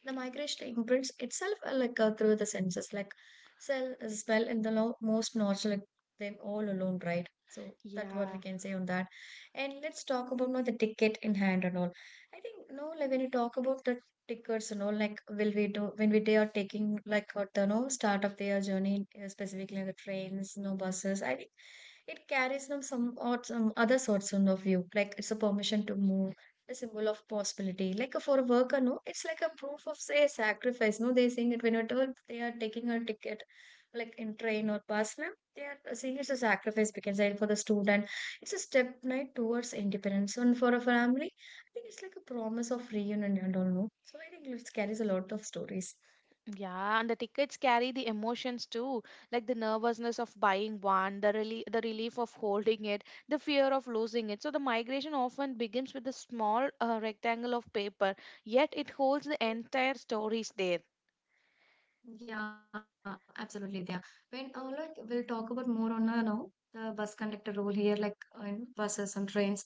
Speaker 2: The migration imprints itself, uh, like, uh, through the senses, like smell, smell in the lo- most nostalgic them all alone, right? So that's what
Speaker 1: Yeah.
Speaker 2: we can say on that. And let's talk about now the ticket in hand and all. I think, no, like when you talk about the tickets and all, like will we do when we they are taking like at the, no, start of their journey, uh, specifically the trains, no, buses. I think it carries them some or some other sorts of view, like it's a permission to move, a symbol of possibility. Like, uh, for a worker, no, it's like a proof of say sacrifice. No, they sing it whenever they are taking a ticket, like in train or bus. No, they are, uh, seeing it's a sacrifice, because and for the student, it's a step night towards independence. And for a family, I think it's like a promise of reunion and all. No, so I think it carries a lot of stories.
Speaker 1: Yeah, and the tickets carry the emotions too, like the nervousness of buying one, the rel the relief of holding it, the fear of losing it. So the migration often begins with a small uh, rectangle of paper, yet it holds the entire stories there.
Speaker 2: Yeah, absolutely. Yeah. When, uh, like we'll talk about more on, uh, now the bus conductor role here, like, uh, in buses and trains.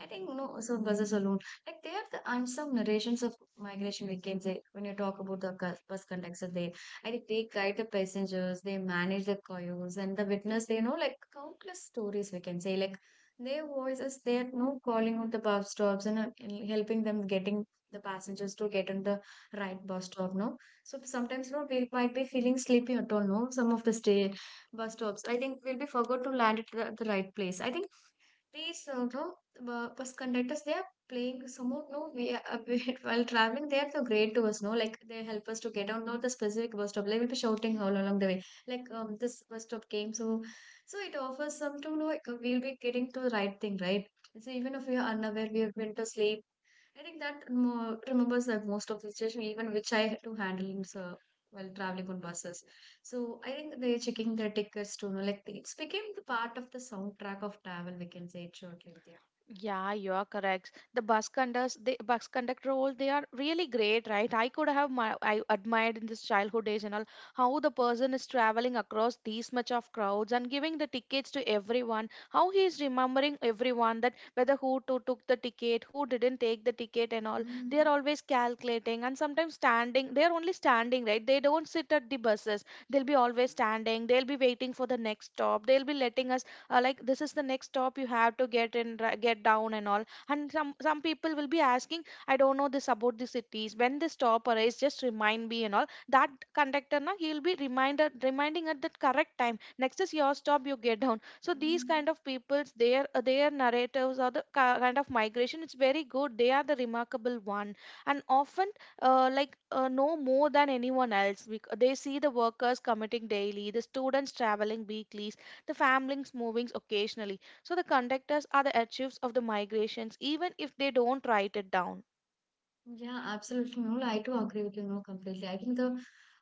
Speaker 2: I think, no, so buses alone, like they are the and some narrations of migration. We can say when you talk about the cus- bus conductor, they I think they guide the passengers, they manage the coils and the witness. They know like countless stories. We can say like their voices. They're, no, calling out the bus stops and, uh, helping them getting the passengers to get on the right bus stop. No, so sometimes, no, we might be feeling sleepy at all, no? Some of the stay bus stops. I think we'll be forgot to land at the, the right place. I think these, uh, no, bu- bus conductors they are playing some of, no, we are, while traveling they are so great to us, no? Like they help us to get on not the specific bus stop. They will be shouting all along the way. Like, um this bus stop came, so so it offers some to know, like, we'll be getting to the right thing, right? So even if we are unaware, we have been to sleep. I think that mo- remembers like most of the situation, even which I had to handle in so, while traveling on buses. So I think they're checking their tickets to know, like it's became the part of the soundtrack of travel. We can say it shortly, yeah.
Speaker 1: Yeah, you are correct. The bus conductors, the bus conductor role, they are really great, right? I could have my, I admired in this childhood days and all how the person is traveling across these much of crowds and giving the tickets to everyone. How he is remembering everyone that whether who to, took the ticket, who didn't take the ticket, and all.
Speaker 2: Mm,
Speaker 1: They are always calculating and sometimes standing. They are only standing, right? They don't sit at the buses. They'll be always standing. They'll be waiting for the next stop. They'll be letting us uh, like this is the next stop you have to get in ri- get down and all. And some some people will be asking, I don't know this about the cities, when this stop arrives just remind me and all. That conductor na, he'll be reminder reminding at the correct time, next is your stop, you get down. So these kind
Speaker 2: mm.
Speaker 1: of peoples, their their narratives or the ki- kind of migration, it's very good. They are the remarkable one, and often uh, like uh, know more than anyone else bec- they see the workers committing daily, the students traveling weekly, the families movings, occasionally. So the conductors are the archives of the migrations, even if they don't write it down.
Speaker 2: Yeah, absolutely. No, I too agree with you. No, completely. I think the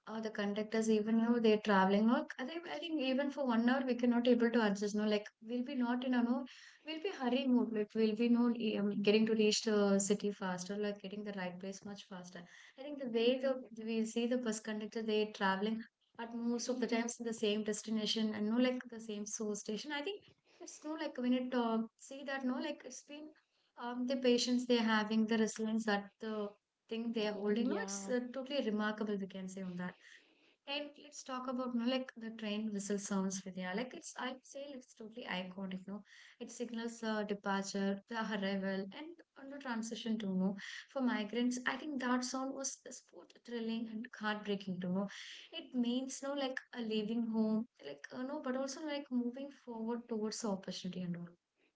Speaker 2: uh, the conductors, even, you know, they're traveling. No, I think I think even for one hour we cannot able to adjust. No, like we'll be not in a, no, we'll be hurry mode. Like we'll be, no, um, getting to reach the city faster, like getting the right place much faster. I think the way the we see the bus conductor, they're traveling at most of the times to the same destination and, no, like the same source station. I think it's, no, like when it, uh, see that, no, like it's been, um, the patience they're having, the resilience that the thing they're holding, no, it's,
Speaker 1: Yeah.
Speaker 2: uh, totally remarkable. We can say on that. And let's talk about, no, like the train whistle sounds, Vidya. Like it's, I'd say it's totally iconic. No, it signals the departure, the arrival, and on the transition to, no. For migrants, I think that sound was is both thrilling and heartbreaking to know. It means, no, like a leaving home, like, uh, no, but also like moving forward towards opportunity and all.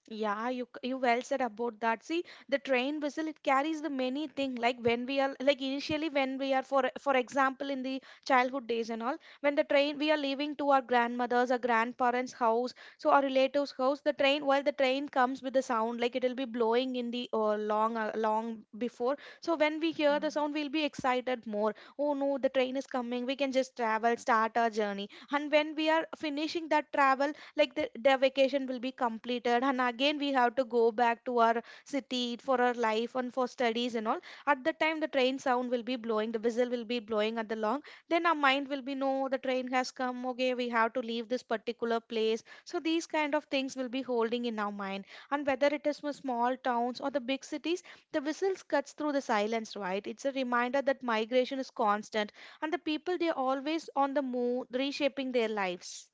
Speaker 1: Yeah, you c- you well said about that. See, the train whistle it carries the many thing, like when we are like initially when we are for for example in the childhood days and all, when the train we are leaving to our grandmother's or grandparents' house, so our relatives' house, the train while the train comes with the sound, like it'll be blowing in the uh, long uh, long before. So when we
Speaker 2: Yeah.
Speaker 1: hear the sound, we'll be excited more. Oh no, the train is coming. We can just travel, start our journey. And when we are finishing that travel, like the, their vacation will be completed and again we have to go back to our city for our life and for studies and all. At the time the train sound will be blowing, the whistle will be blowing at the long, then our mind will be, no, the train has come, okay, we have to leave this particular place. So these kind of things will be holding in our mind. And whether it is from small towns or the big cities, the whistles cuts through the silence, right? It's a reminder that migration is constant and the people, they're always on the move, reshaping their lives.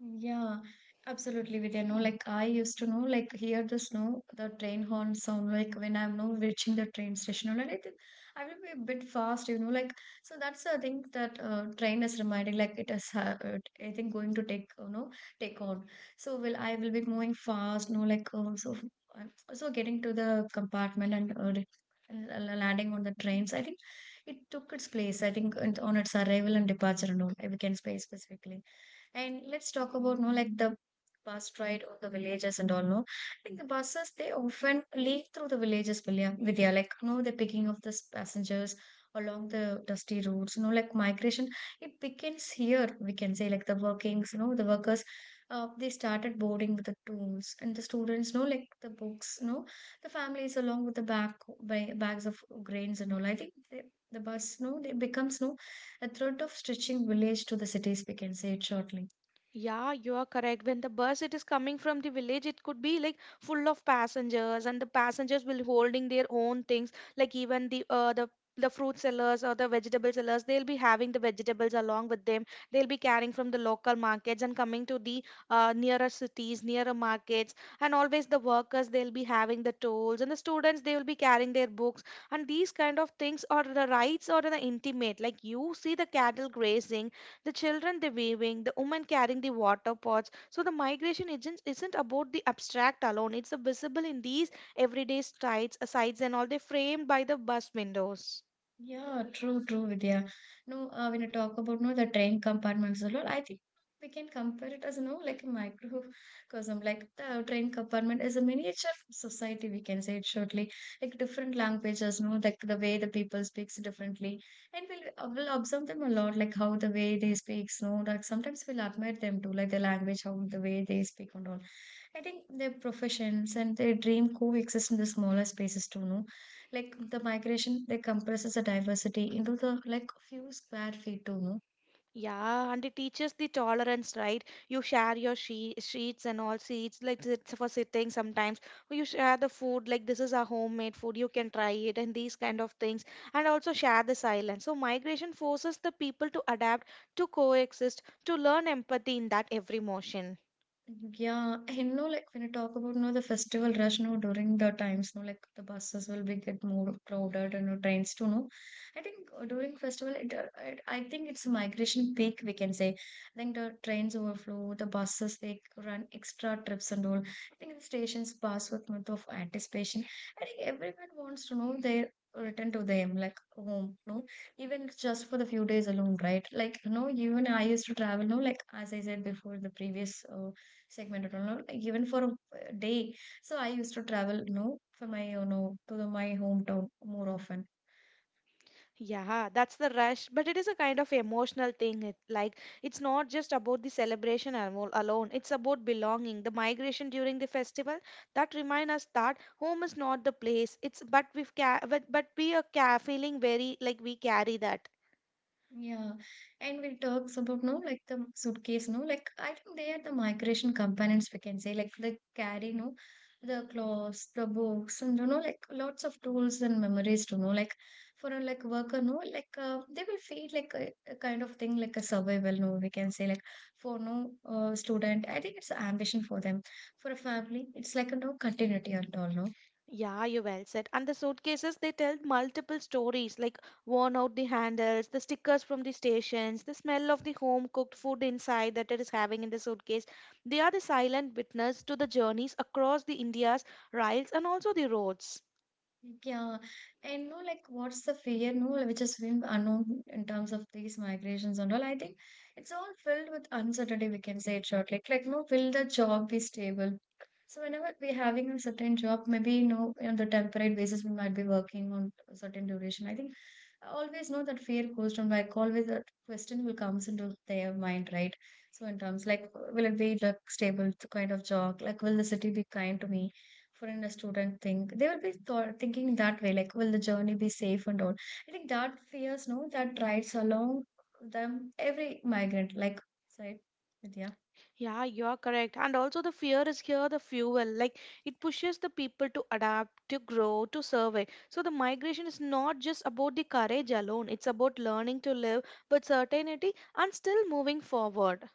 Speaker 2: Yeah, absolutely, Vidya. No, like I used to know, like hear the snow, the train horn sound, like when I'm, no, reaching the train station, and I think I will be a bit fast, you know, like so that's the thing that, uh, train is reminding, like it is, uh, it- I think going to take, you know, take on. So will I will be moving fast, no, like, um, so, um, so getting to the compartment and, uh, and l- landing on the trains. I think it took its place. I think and on its arrival and departure, no, we can say specifically. And let's talk about, no, like the bus ride or the villages and all, no. Like the buses they often leak through the villages, Vilya Vidya. Like, no, the picking of the s- passengers along the dusty roads, you know, like migration. It begins here, we can say, like the workings, you know, the workers, uh, they started boarding with the tools and the students, you know like the books, you know the families along with the back ba- bags of grains and all. I think they, the bus, no, they becomes, no, a thread of stretching village to the cities, we can say it shortly.
Speaker 1: Yeah, you are correct. When the bus it is coming from the village, it could be like full of passengers, and the passengers will holding their own things, like even the uh, the the fruit sellers or the vegetable sellers. They'll be having the vegetables along with them. They'll be carrying from the local markets and coming to the uh, nearer cities, nearer markets, and always the workers they'll be having the tools, and the students they will be carrying their books, and these kind of things are the rights or the intimate. Like you see the cattle grazing, the children they waving, the women carrying the water pots. So the migration isn't isn't about the abstract alone. It's visible in these everyday sights, sights and all. They framed by the bus windows.
Speaker 2: Yeah, true, true, Vidya. No, uh, when you talk about, no, the train compartments a lot, I think we can compare it as, no, like a microcosm. Like the train compartment is a miniature society, we can say it shortly. Like different languages, no, like the way the people speaks differently, and we'll uh, we'll observe them a lot, like how the way they speaks, no, like sometimes we'll admire them too, like the language, how the way they speak and all. I think their professions and their dream coexist in the smaller spaces too, no? Like the migration, they compresses the diversity into the like few square feet too, no?
Speaker 1: Yeah, and it teaches the tolerance, right? You share your she- sheets and all seats, like sit- for sitting sometimes. Or you share the food, like this is a homemade food, you can try it, and these kind of things. And also share the silence. So, migration forces the people to adapt, to coexist, to learn empathy in that every motion.
Speaker 2: Yeah, and know, like when I talk about, no, the festival rush, no, during the times, no, like the buses will be get more crowded and, no, trains too, no. I think, uh, during festival, it, uh, it I think it's a migration peak we can say. I think the trains overflow, the buses they run extra trips and all. I think the stations pass with month of anticipation. I think everyone wants to know their return to them like home, no. Even it's just for the few days alone, right? Like you know, even I used to travel, no, like as I said before, the previous. Uh, segment at all, no, like even for a uh, day. So I used to travel, you know, for my, you know, to the, my hometown more often.
Speaker 1: Yeah, that's the rush, but it is a kind of emotional thing. It, like, it's not just about the celebration amo- alone, it's about belonging. The migration during the festival that remind us that home is not the place. It's but we've ca- but, but we are ca- feeling very like we carry that.
Speaker 2: Yeah, and we talks about no like the suitcase, no like I think they are the migration companions we can say like they carry no the clothes, the books, and you know like lots of tools and memories to know like for a like worker, no like uh, they will feel like a, a kind of thing like a survival, no we can say like for no uh, student, I think it's ambition for them. For a family, it's like a no continuity at all, no.
Speaker 1: Yeah, you well said. And the suitcases, they tell multiple stories like worn out the handles, the stickers from the stations, the smell of the home cooked food inside that it is having in the suitcase. They are the silent witness to the journeys across the India's rails and also the roads.
Speaker 2: Like, yeah, and no, like what's the fear, no, which has been unknown in terms of these migrations and all. I think it's all filled with uncertainty, we can say it shortly. Like, like, no, will the job be stable? So whenever we're having a certain job, maybe you know, on the temporary basis we might be working on a certain duration. I think I always know that fear goes down like always that question will comes into their mind, right? So in terms like will it be like stable kind of job? Like will the city be kind to me? Foreign a student think they will be thought, thinking that way like will the journey be safe and all. I think that fears no that rides along them every migrant like said, Vidya.
Speaker 1: Yeah, you are correct. And also, the fear is here the fuel. Like, it pushes the people to adapt, to grow, to survey. So, the migration is not just about the courage alone, it's about learning to live with certainty and still moving forward.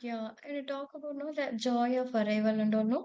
Speaker 2: Yeah, and you talk about no the joy of arrival and all no.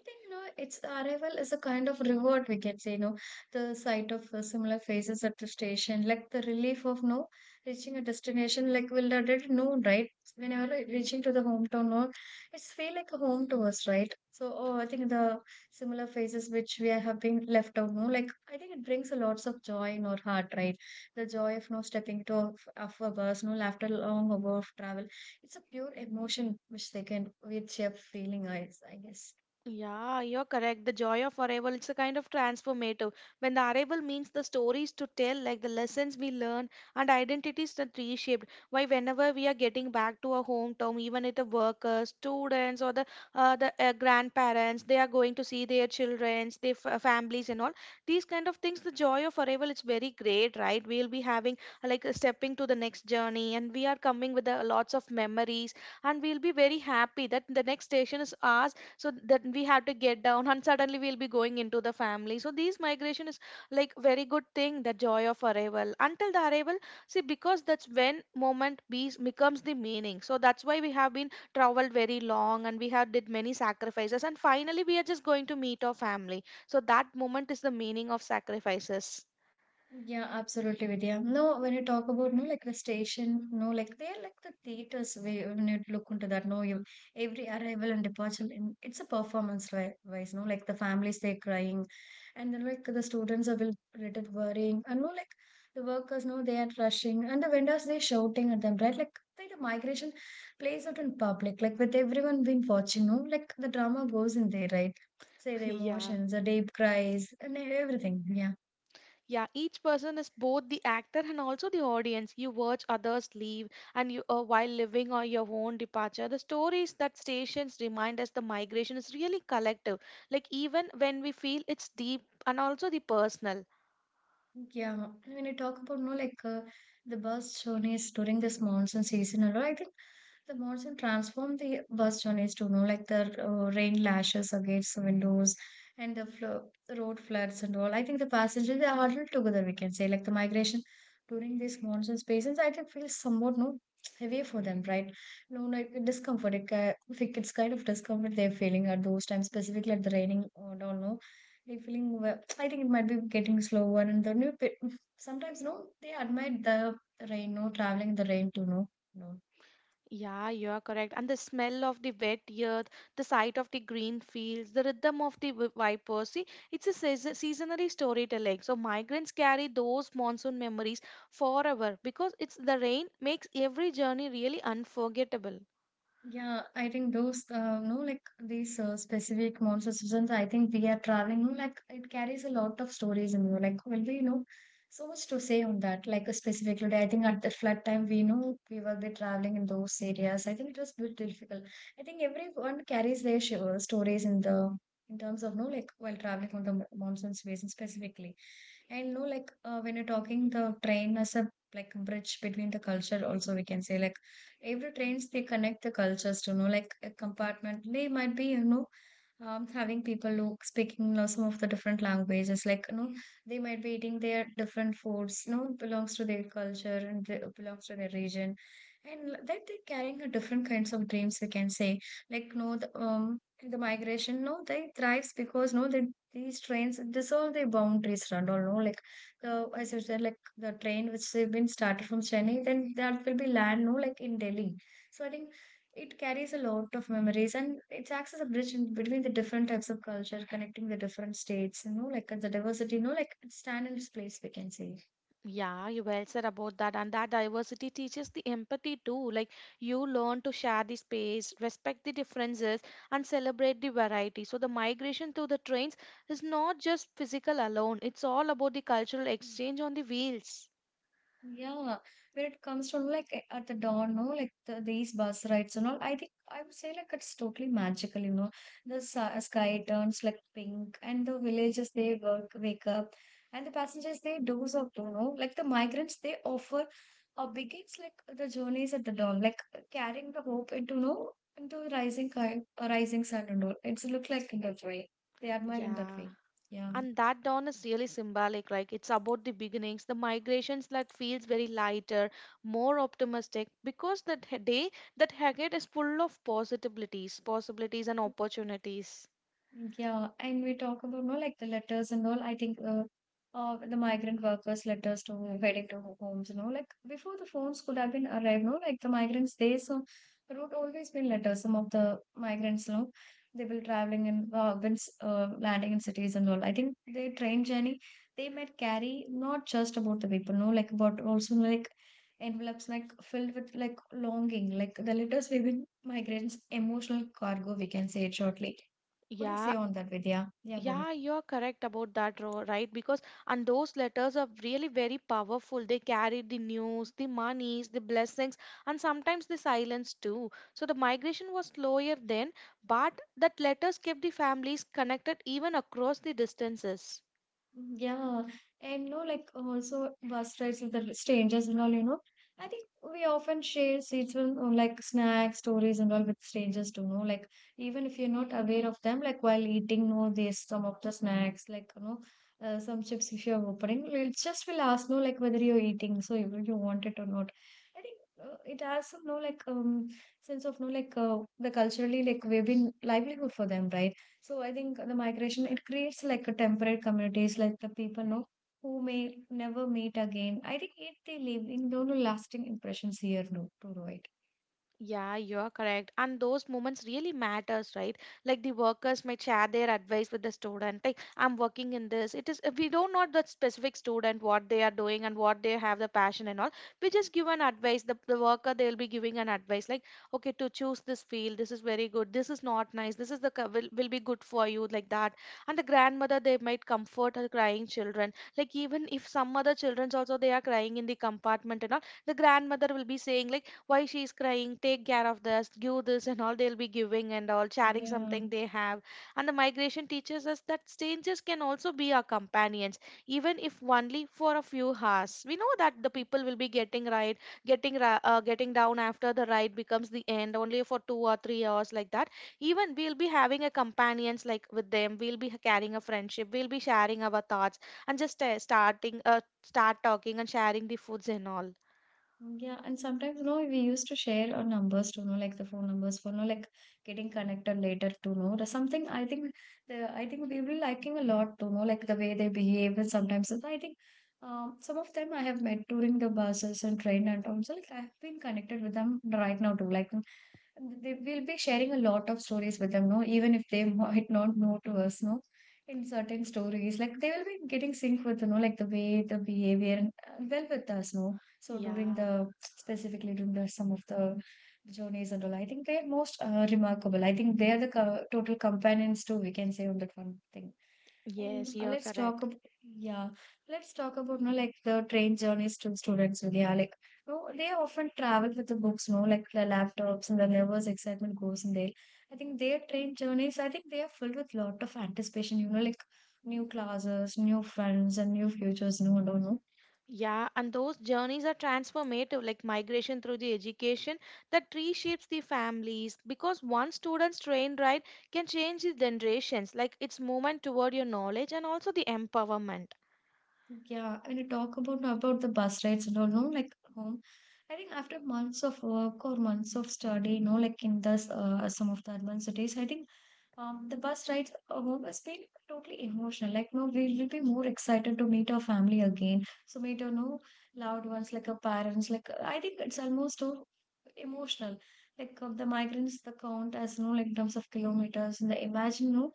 Speaker 2: I think you know its arrival is a kind of reward we can say, you know, the sight of uh, similar faces at the station, like the relief of no reaching a destination like we'll already know, right? Whenever re- reaching to the hometown, no, it's feel like a home to us, right? So, oh, I think the similar faces which we are having left out, no, like I think it brings a lots of joy in our heart, right? The joy of no stepping to of, of a bus, no, after a long hour of travel, it's a pure emotion which they can with sheer feeling eyes, I guess.
Speaker 1: Yeah, you're correct. The joy of arrival, it's a kind of transformative. When the arrival means the stories to tell, like the lessons we learn and identities that reshaped. Why, whenever we are getting back to our hometown, even if the workers, students, or the uh, the uh, grandparents, they are going to see their childrens, their f- families, and all these kind of things. The joy of arrival, it's very great, right? We'll be having uh, like uh, stepping to the next journey, and we are coming with uh, lots of memories, and we'll be very happy that the next station is ours, so that we have to get down and suddenly we'll be going into the family. So these migration is like very good thing. The joy of arrival until the arrival, see, because that's when moment be becomes the meaning. So that's why we have been traveled very long and we have did many sacrifices and finally we are just going to meet our family, so that moment is the meaning of sacrifices.
Speaker 2: Yeah, absolutely, Vidya. No, when you talk about no like the station, no, like they're like the theaters where when you look into that, no, you every arrival and departure, in, it's a performance ri- wise, no, like the families they're crying, and then like the students are will rated worrying, and no, like the workers, no, they are rushing, and the vendors they're shouting at them, right? Like the, the migration plays out in public, like with everyone been watching, no, like the drama goes in there, right? Say the
Speaker 1: Yeah.
Speaker 2: emotions, the deep cries, and everything. Yeah.
Speaker 1: Yeah, each person is both the actor and also the audience. You watch others leave, and you uh, while living on your own departure. The stories that stations remind us the migration is really collective. Like even when we feel it's deep and also the personal.
Speaker 2: Yeah, and when you talk about no like uh, the bus journeys during this monsoon season, and all, I think the monsoon transformed the bus journeys to know like the uh, rain lashes against the windows and the flo road floods and all. I think the passengers they are huddled together. We can say like the migration during these monsoon seasons, I think feels somewhat no heavy for them, right? No, like discomfort. It, ki- like, it's kind of discomfort they're feeling at those times, specifically at the raining. I don't know. They're feeling wa- I think it might be getting slower and the new pe- sometimes no, they admire the rain, no traveling in the rain too, no, no.
Speaker 1: Yeah, you're correct. And the smell of the wet earth, the sight of the green fields, the rhythm of the wi- vipers. See, it's a season- seasonary storytelling. So migrants carry those monsoon memories forever, because it's the rain makes every journey really unforgettable.
Speaker 2: Yeah, I think those, uh, no, like these uh, specific monster seasons, I think we are traveling, no, like it carries a lot of stories in you. Like, well, we know so much to say on that. Like, uh, specifically, I think at the flood time, we know we were there traveling in those areas. I think it was a bit difficult. I think everyone carries their sh uh, stories in the in terms of no, like while traveling on the mo- monsoon season specifically. And no, like uh, when you're talking the train as a like bridge between the culture, also we can say like every trains they connect the cultures to know like a compartment they might be you know um, having people who speaking you know, some of the different languages like you know they might be eating their different foods you know belongs to their culture and they, belongs to their region and l- that they're carrying a different kinds of dreams we can say like no the, um the migration no they thrives because no they these trains dissolve their boundaries and all no like the as you said like the train which has been started from Chennai, then that will be land, no, like in Delhi. So I think it carries a lot of memories and it acts as a bridge in between the different types of culture, connecting the different states, you know, like uh, the diversity, you know, like it stand in its place, we can say.
Speaker 1: Yeah, you well said about that. And that diversity teaches the empathy too. Like you learn to share the space, respect the differences, and celebrate the variety. So the migration through the trains is not just physical alone, it's all about the cultural exchange on the wheels.
Speaker 2: Yeah, when it comes to like a- at the dawn, no, like the, these bus rides and all, I think I would say like it's totally magical, you know. The sa sky turns like pink, and the villagers they work wake up, and the passengers they doze off, you know. Like the migrants they offer or begins like the journeys at the dawn, like carrying the hope into no into rising kind, uh, rising sun and all. It's look like in that way. They admire in that
Speaker 1: Yeah.
Speaker 2: way. Yeah.
Speaker 1: And that dawn is really symbolic, like it's about the beginnings, the migrations that feels very lighter, more optimistic, because that he- day that ahead is full of possibilities, possibilities and opportunities.
Speaker 2: Yeah, and we talk about no like the letters and all. I think uh, uh the migrant workers' letters to heading to ho- homes, you know, like before the phones could have been arrived, no, like the migrants they so wrote always been letters. Some of the migrants, you know, they will traveling and uh, when s- uh, landing in cities and all. I think their train journey they might carry not just about the people, no, like but also like envelopes like filled with like longing, like the letters within migrants' emotional cargo. We can say it shortly. Could you
Speaker 1: Yeah.
Speaker 2: say on that, Vidya? Yeah, go
Speaker 1: Yeah,
Speaker 2: ahead.
Speaker 1: you're correct about that, Ro- right? Because and those letters are really very powerful. They carry the news, the monies, the blessings, and sometimes the silence too. So the migration was slower then, but that letters kept the families connected even across the distances.
Speaker 2: Mm, yeah, and no, like also bus rides with the strangers and all, you know. I think we often share seats with uh, like snacks, stories and all with strangers too, no? Like even if you're not aware of them, like while eating, no, there's some of the snacks, like you know, uh, some chips if you're opening, it just will ask, no, like whether you're eating, so you, you want it or not. I think uh, it has some, no, like um sense of no, like uh, the culturally like we've been livelihood for them, right? So I think the migration it creates like a temporary communities, like the people know who may never meet again. I think it they leave in no lasting impressions here, no, to right.
Speaker 1: Yeah, you're correct. And those moments really matters, right? Like the workers might share their advice with the student. Like I'm working in this. It is if we don't know the specific student what they are doing and what they have the passion and all. We just give an advice. The, the worker they'll be giving an advice like, okay, to choose this field. This is very good. This is not nice. This is the co- will, will be good for you, like that. And the grandmother they might comfort her crying children. Like even if some other childrens also they are crying in the compartment and all, the grandmother will be saying like why she's crying, take care of this, give this and all, they'll be giving and all sharing
Speaker 2: Yeah.
Speaker 1: something they have. And the migration teaches us that strangers can also be our companions, even if only for a few hours. We know that the people will be getting right, getting ra- uh, getting down after the ride becomes the end only for two or three hours, like that even we'll be having a companions like with them, we'll be carrying a friendship, we'll be sharing our thoughts, and just uh, starting uh, start talking and sharing the foods and all.
Speaker 2: Yeah, and sometimes, you know, we used to share our numbers to know, like the phone numbers for, you know, like getting connected later to know the something. I think the I think we will liking a lot to know, like the way they behave, and sometimes I think um, some of them I have met during the buses and train, and also like I have been connected with them right now too. Like they will be sharing a lot of stories with them, no, even if they might not know to us, no. In certain stories, like they will be getting sync with, you know, like the way the behavior and uh, well with us, no so during
Speaker 1: Yeah.
Speaker 2: the specifically during the some of the journeys and all, I think they are most uh, remarkable. I think they are the co- total companions too. We can say on that one thing. And
Speaker 1: Yes,
Speaker 2: uh,
Speaker 1: you're
Speaker 2: let's talk
Speaker 1: correct.
Speaker 2: about yeah, let's talk about no like the train journeys to students. With yeah, like no, they often travel with the books, no, like the laptops and whenever's excitement goes in there. I think their train journeys, I think they are filled with lot of anticipation, you know, like new classes, new friends, and new futures, no, no, no.
Speaker 1: Yeah, and those journeys are transformative, like migration through the education that reshapes the families, because one student's train ride can change the generations, like its movement toward your knowledge and also the empowerment.
Speaker 2: Yeah, and you talk about about the bus rides and all, no, like home. I think after months of work or months of study, you know, like in this uh, some of the advanced cities, I think um, the bus rides home has been totally emotional. Like, no, we will be more excited to meet our family again. So, meet our no loved ones, like our parents. Like, I think it's almost too emotional. Like, of the migrants, the count as no, like, in terms of kilometers, and the imagine, no,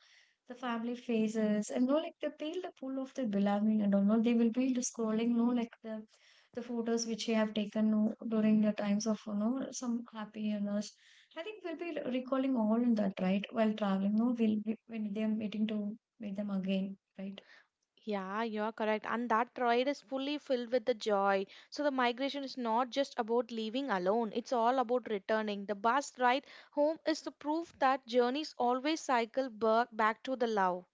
Speaker 2: the family faces, and no, like, they feel the pull of their belonging and all. No, they will be just scrolling, no, like, the the photos which they have taken no, during the times of you know some happiness. I think we'll be recalling all in that, right? While traveling, no, we'll be when they're meeting to meet them again, right?
Speaker 1: Yeah, you're correct. And that ride is fully filled with the joy. So the migration is not just about leaving alone, it's all about returning. The bus ride home is the proof that journeys always cycle back back to the love.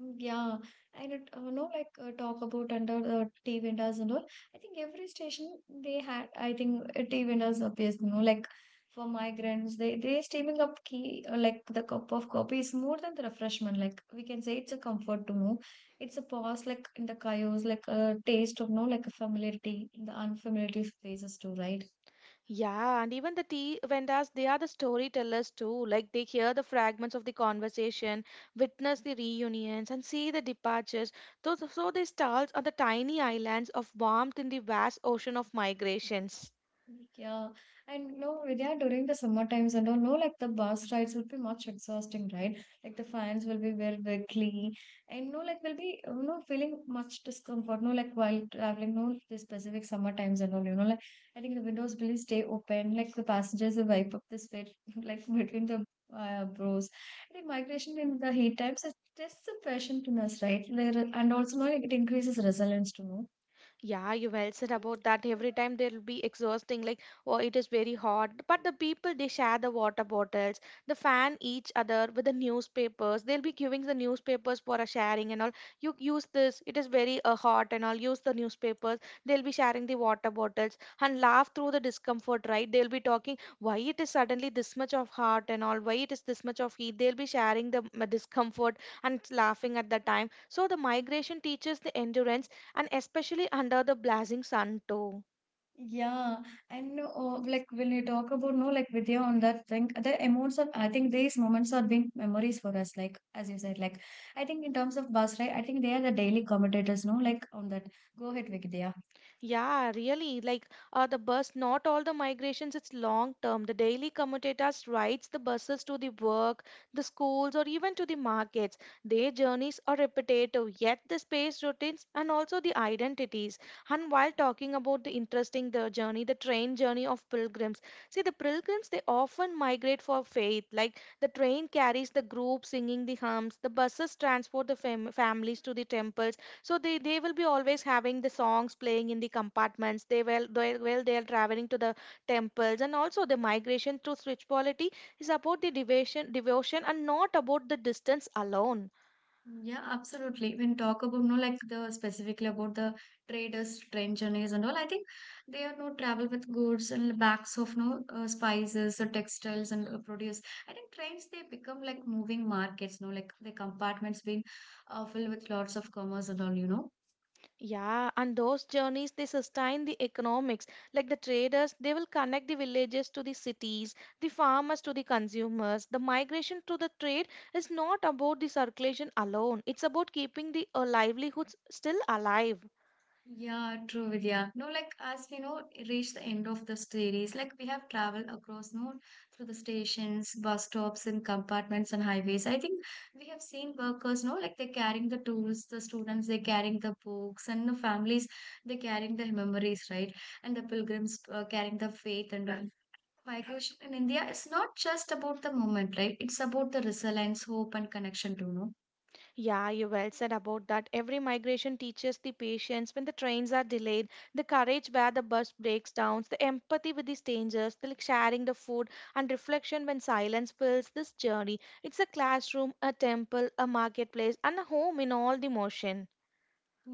Speaker 2: Mm, yeah, and it, uh, no, like uh, talk about under the tea vendors and all. I think every station they had, I think uh, tea vendors appears, you know, like for migrants, they they steaming up key uh, like the cup of coffee is more than the refreshment. Like we can say, it's a comfort to know. It's a pause, like in the chaos, like a taste of no, like a familiarity in the unfamiliar places too, right?
Speaker 1: Yeah, and even the tea vendors, they are the storytellers too. Like they hear the fragments of the conversation, witness the reunions, and see the departures. Those, so these stalls are the tiny islands of warmth in the vast ocean of migrations.
Speaker 2: Yeah, and you know, Vidya, during the summer times and all, no, like the bus rides would be much exhausting, right? Like the fans will be very wiggly, and no, like will be you know feeling much discomfort. No, like while traveling, no, the specific summer times and all, you know, like I think the windows will stay open, like the passengers will wipe up the sweat, like between the uh, bros. I think migration in the heat times is just a passion to us, right? There and also no, like it increases resilience to know.
Speaker 1: Yeah, you well said about that. Every time they'll be exhausting, like, oh, it is very hot. But the people, they share the water bottles, the fan each other with the newspapers. They'll be giving the newspapers for a sharing and all. You use this, it is very uh, hot and all. Use the newspapers. They'll be sharing the water bottles and laugh through the discomfort, right? They'll be talking why it is suddenly this much of hot and all, why it is this much of heat. They'll be sharing the mm, discomfort and laughing at the time. So the migration teaches the endurance, and especially under the blazing sun too.
Speaker 2: Yeah, and uh, like when you talk about no, like Vidya on that thing, the amounts of I think these moments are being memories for us. Like as you said, like I think in terms of bus ride, I think they are the daily commentators. No, like on that. Go ahead, Vidya.
Speaker 1: Yeah, really, like uh, the bus, not all the migrations it's long term, the daily commutators rides the buses to the work, the schools, or even to the markets. Their journeys are repetitive, yet the space routines and also the identities. And while talking about the interesting the journey, the train journey of pilgrims, see the pilgrims they often migrate for faith, like the train carries the group singing the hymns, the buses transport the fam- families to the temples. So they they will be always having the songs playing in the compartments, they will, they well they are traveling to the temples. And also the migration through spirituality is about the devotion devotion and not about the distance alone.
Speaker 2: Yeah, absolutely. When talk about no like the specifically about the traders, train journeys and all, I think they are no travel with goods and bags of no uh, spices or textiles and uh, produce. I think trains they become like moving markets, no like the compartments being uh, filled with lots of commerce and all, you know.
Speaker 1: Yeah, and those journeys they sustain the economics, like the traders, they will connect the villages to the cities, the farmers to the consumers. The migration to the trade is not about the circulation alone, it's about keeping the uh, livelihoods still alive.
Speaker 2: Yeah, true, Vidya. No, like as we know, reach the end of the series, like we have traveled across, no, through the stations, bus stops, and compartments and highways. I think we have seen workers, no, like they're carrying the tools, the students, they're carrying the books, and the families, they're carrying the memories, right? And the pilgrims uh, carrying the faith and all. Migration in India is not just about the moment, right? It's about the resilience, hope, and connection too, no?
Speaker 1: Yeah, you well said about that. Every migration teaches the patience when the trains are delayed, the courage where the bus breaks down, the empathy with the strangers, the like sharing the food, and reflection when silence fills this journey. It's a classroom, a temple, a marketplace, and a home in all the motion.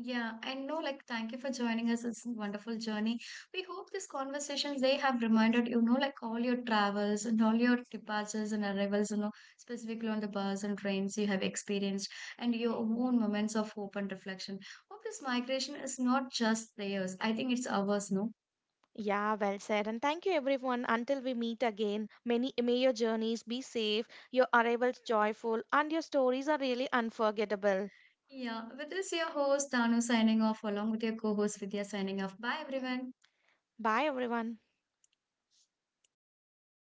Speaker 2: Yeah, and no, like, thank you for joining us. It's a wonderful journey. We hope these conversations they have reminded you know, like all your travels and all your departures and arrivals, you know, specifically on the bus and trains you have experienced, and your own moments of hope and reflection. Hope this migration is not just theirs. I think it's ours, no?
Speaker 1: Yeah, well said. And thank you, everyone. Until we meet again, many may your journeys be safe, your arrivals joyful, and your stories are really unforgettable.
Speaker 2: Yeah, with this, your host Tanu signing off, along with your co-host Vidya signing off. Bye, everyone.
Speaker 1: Bye, everyone.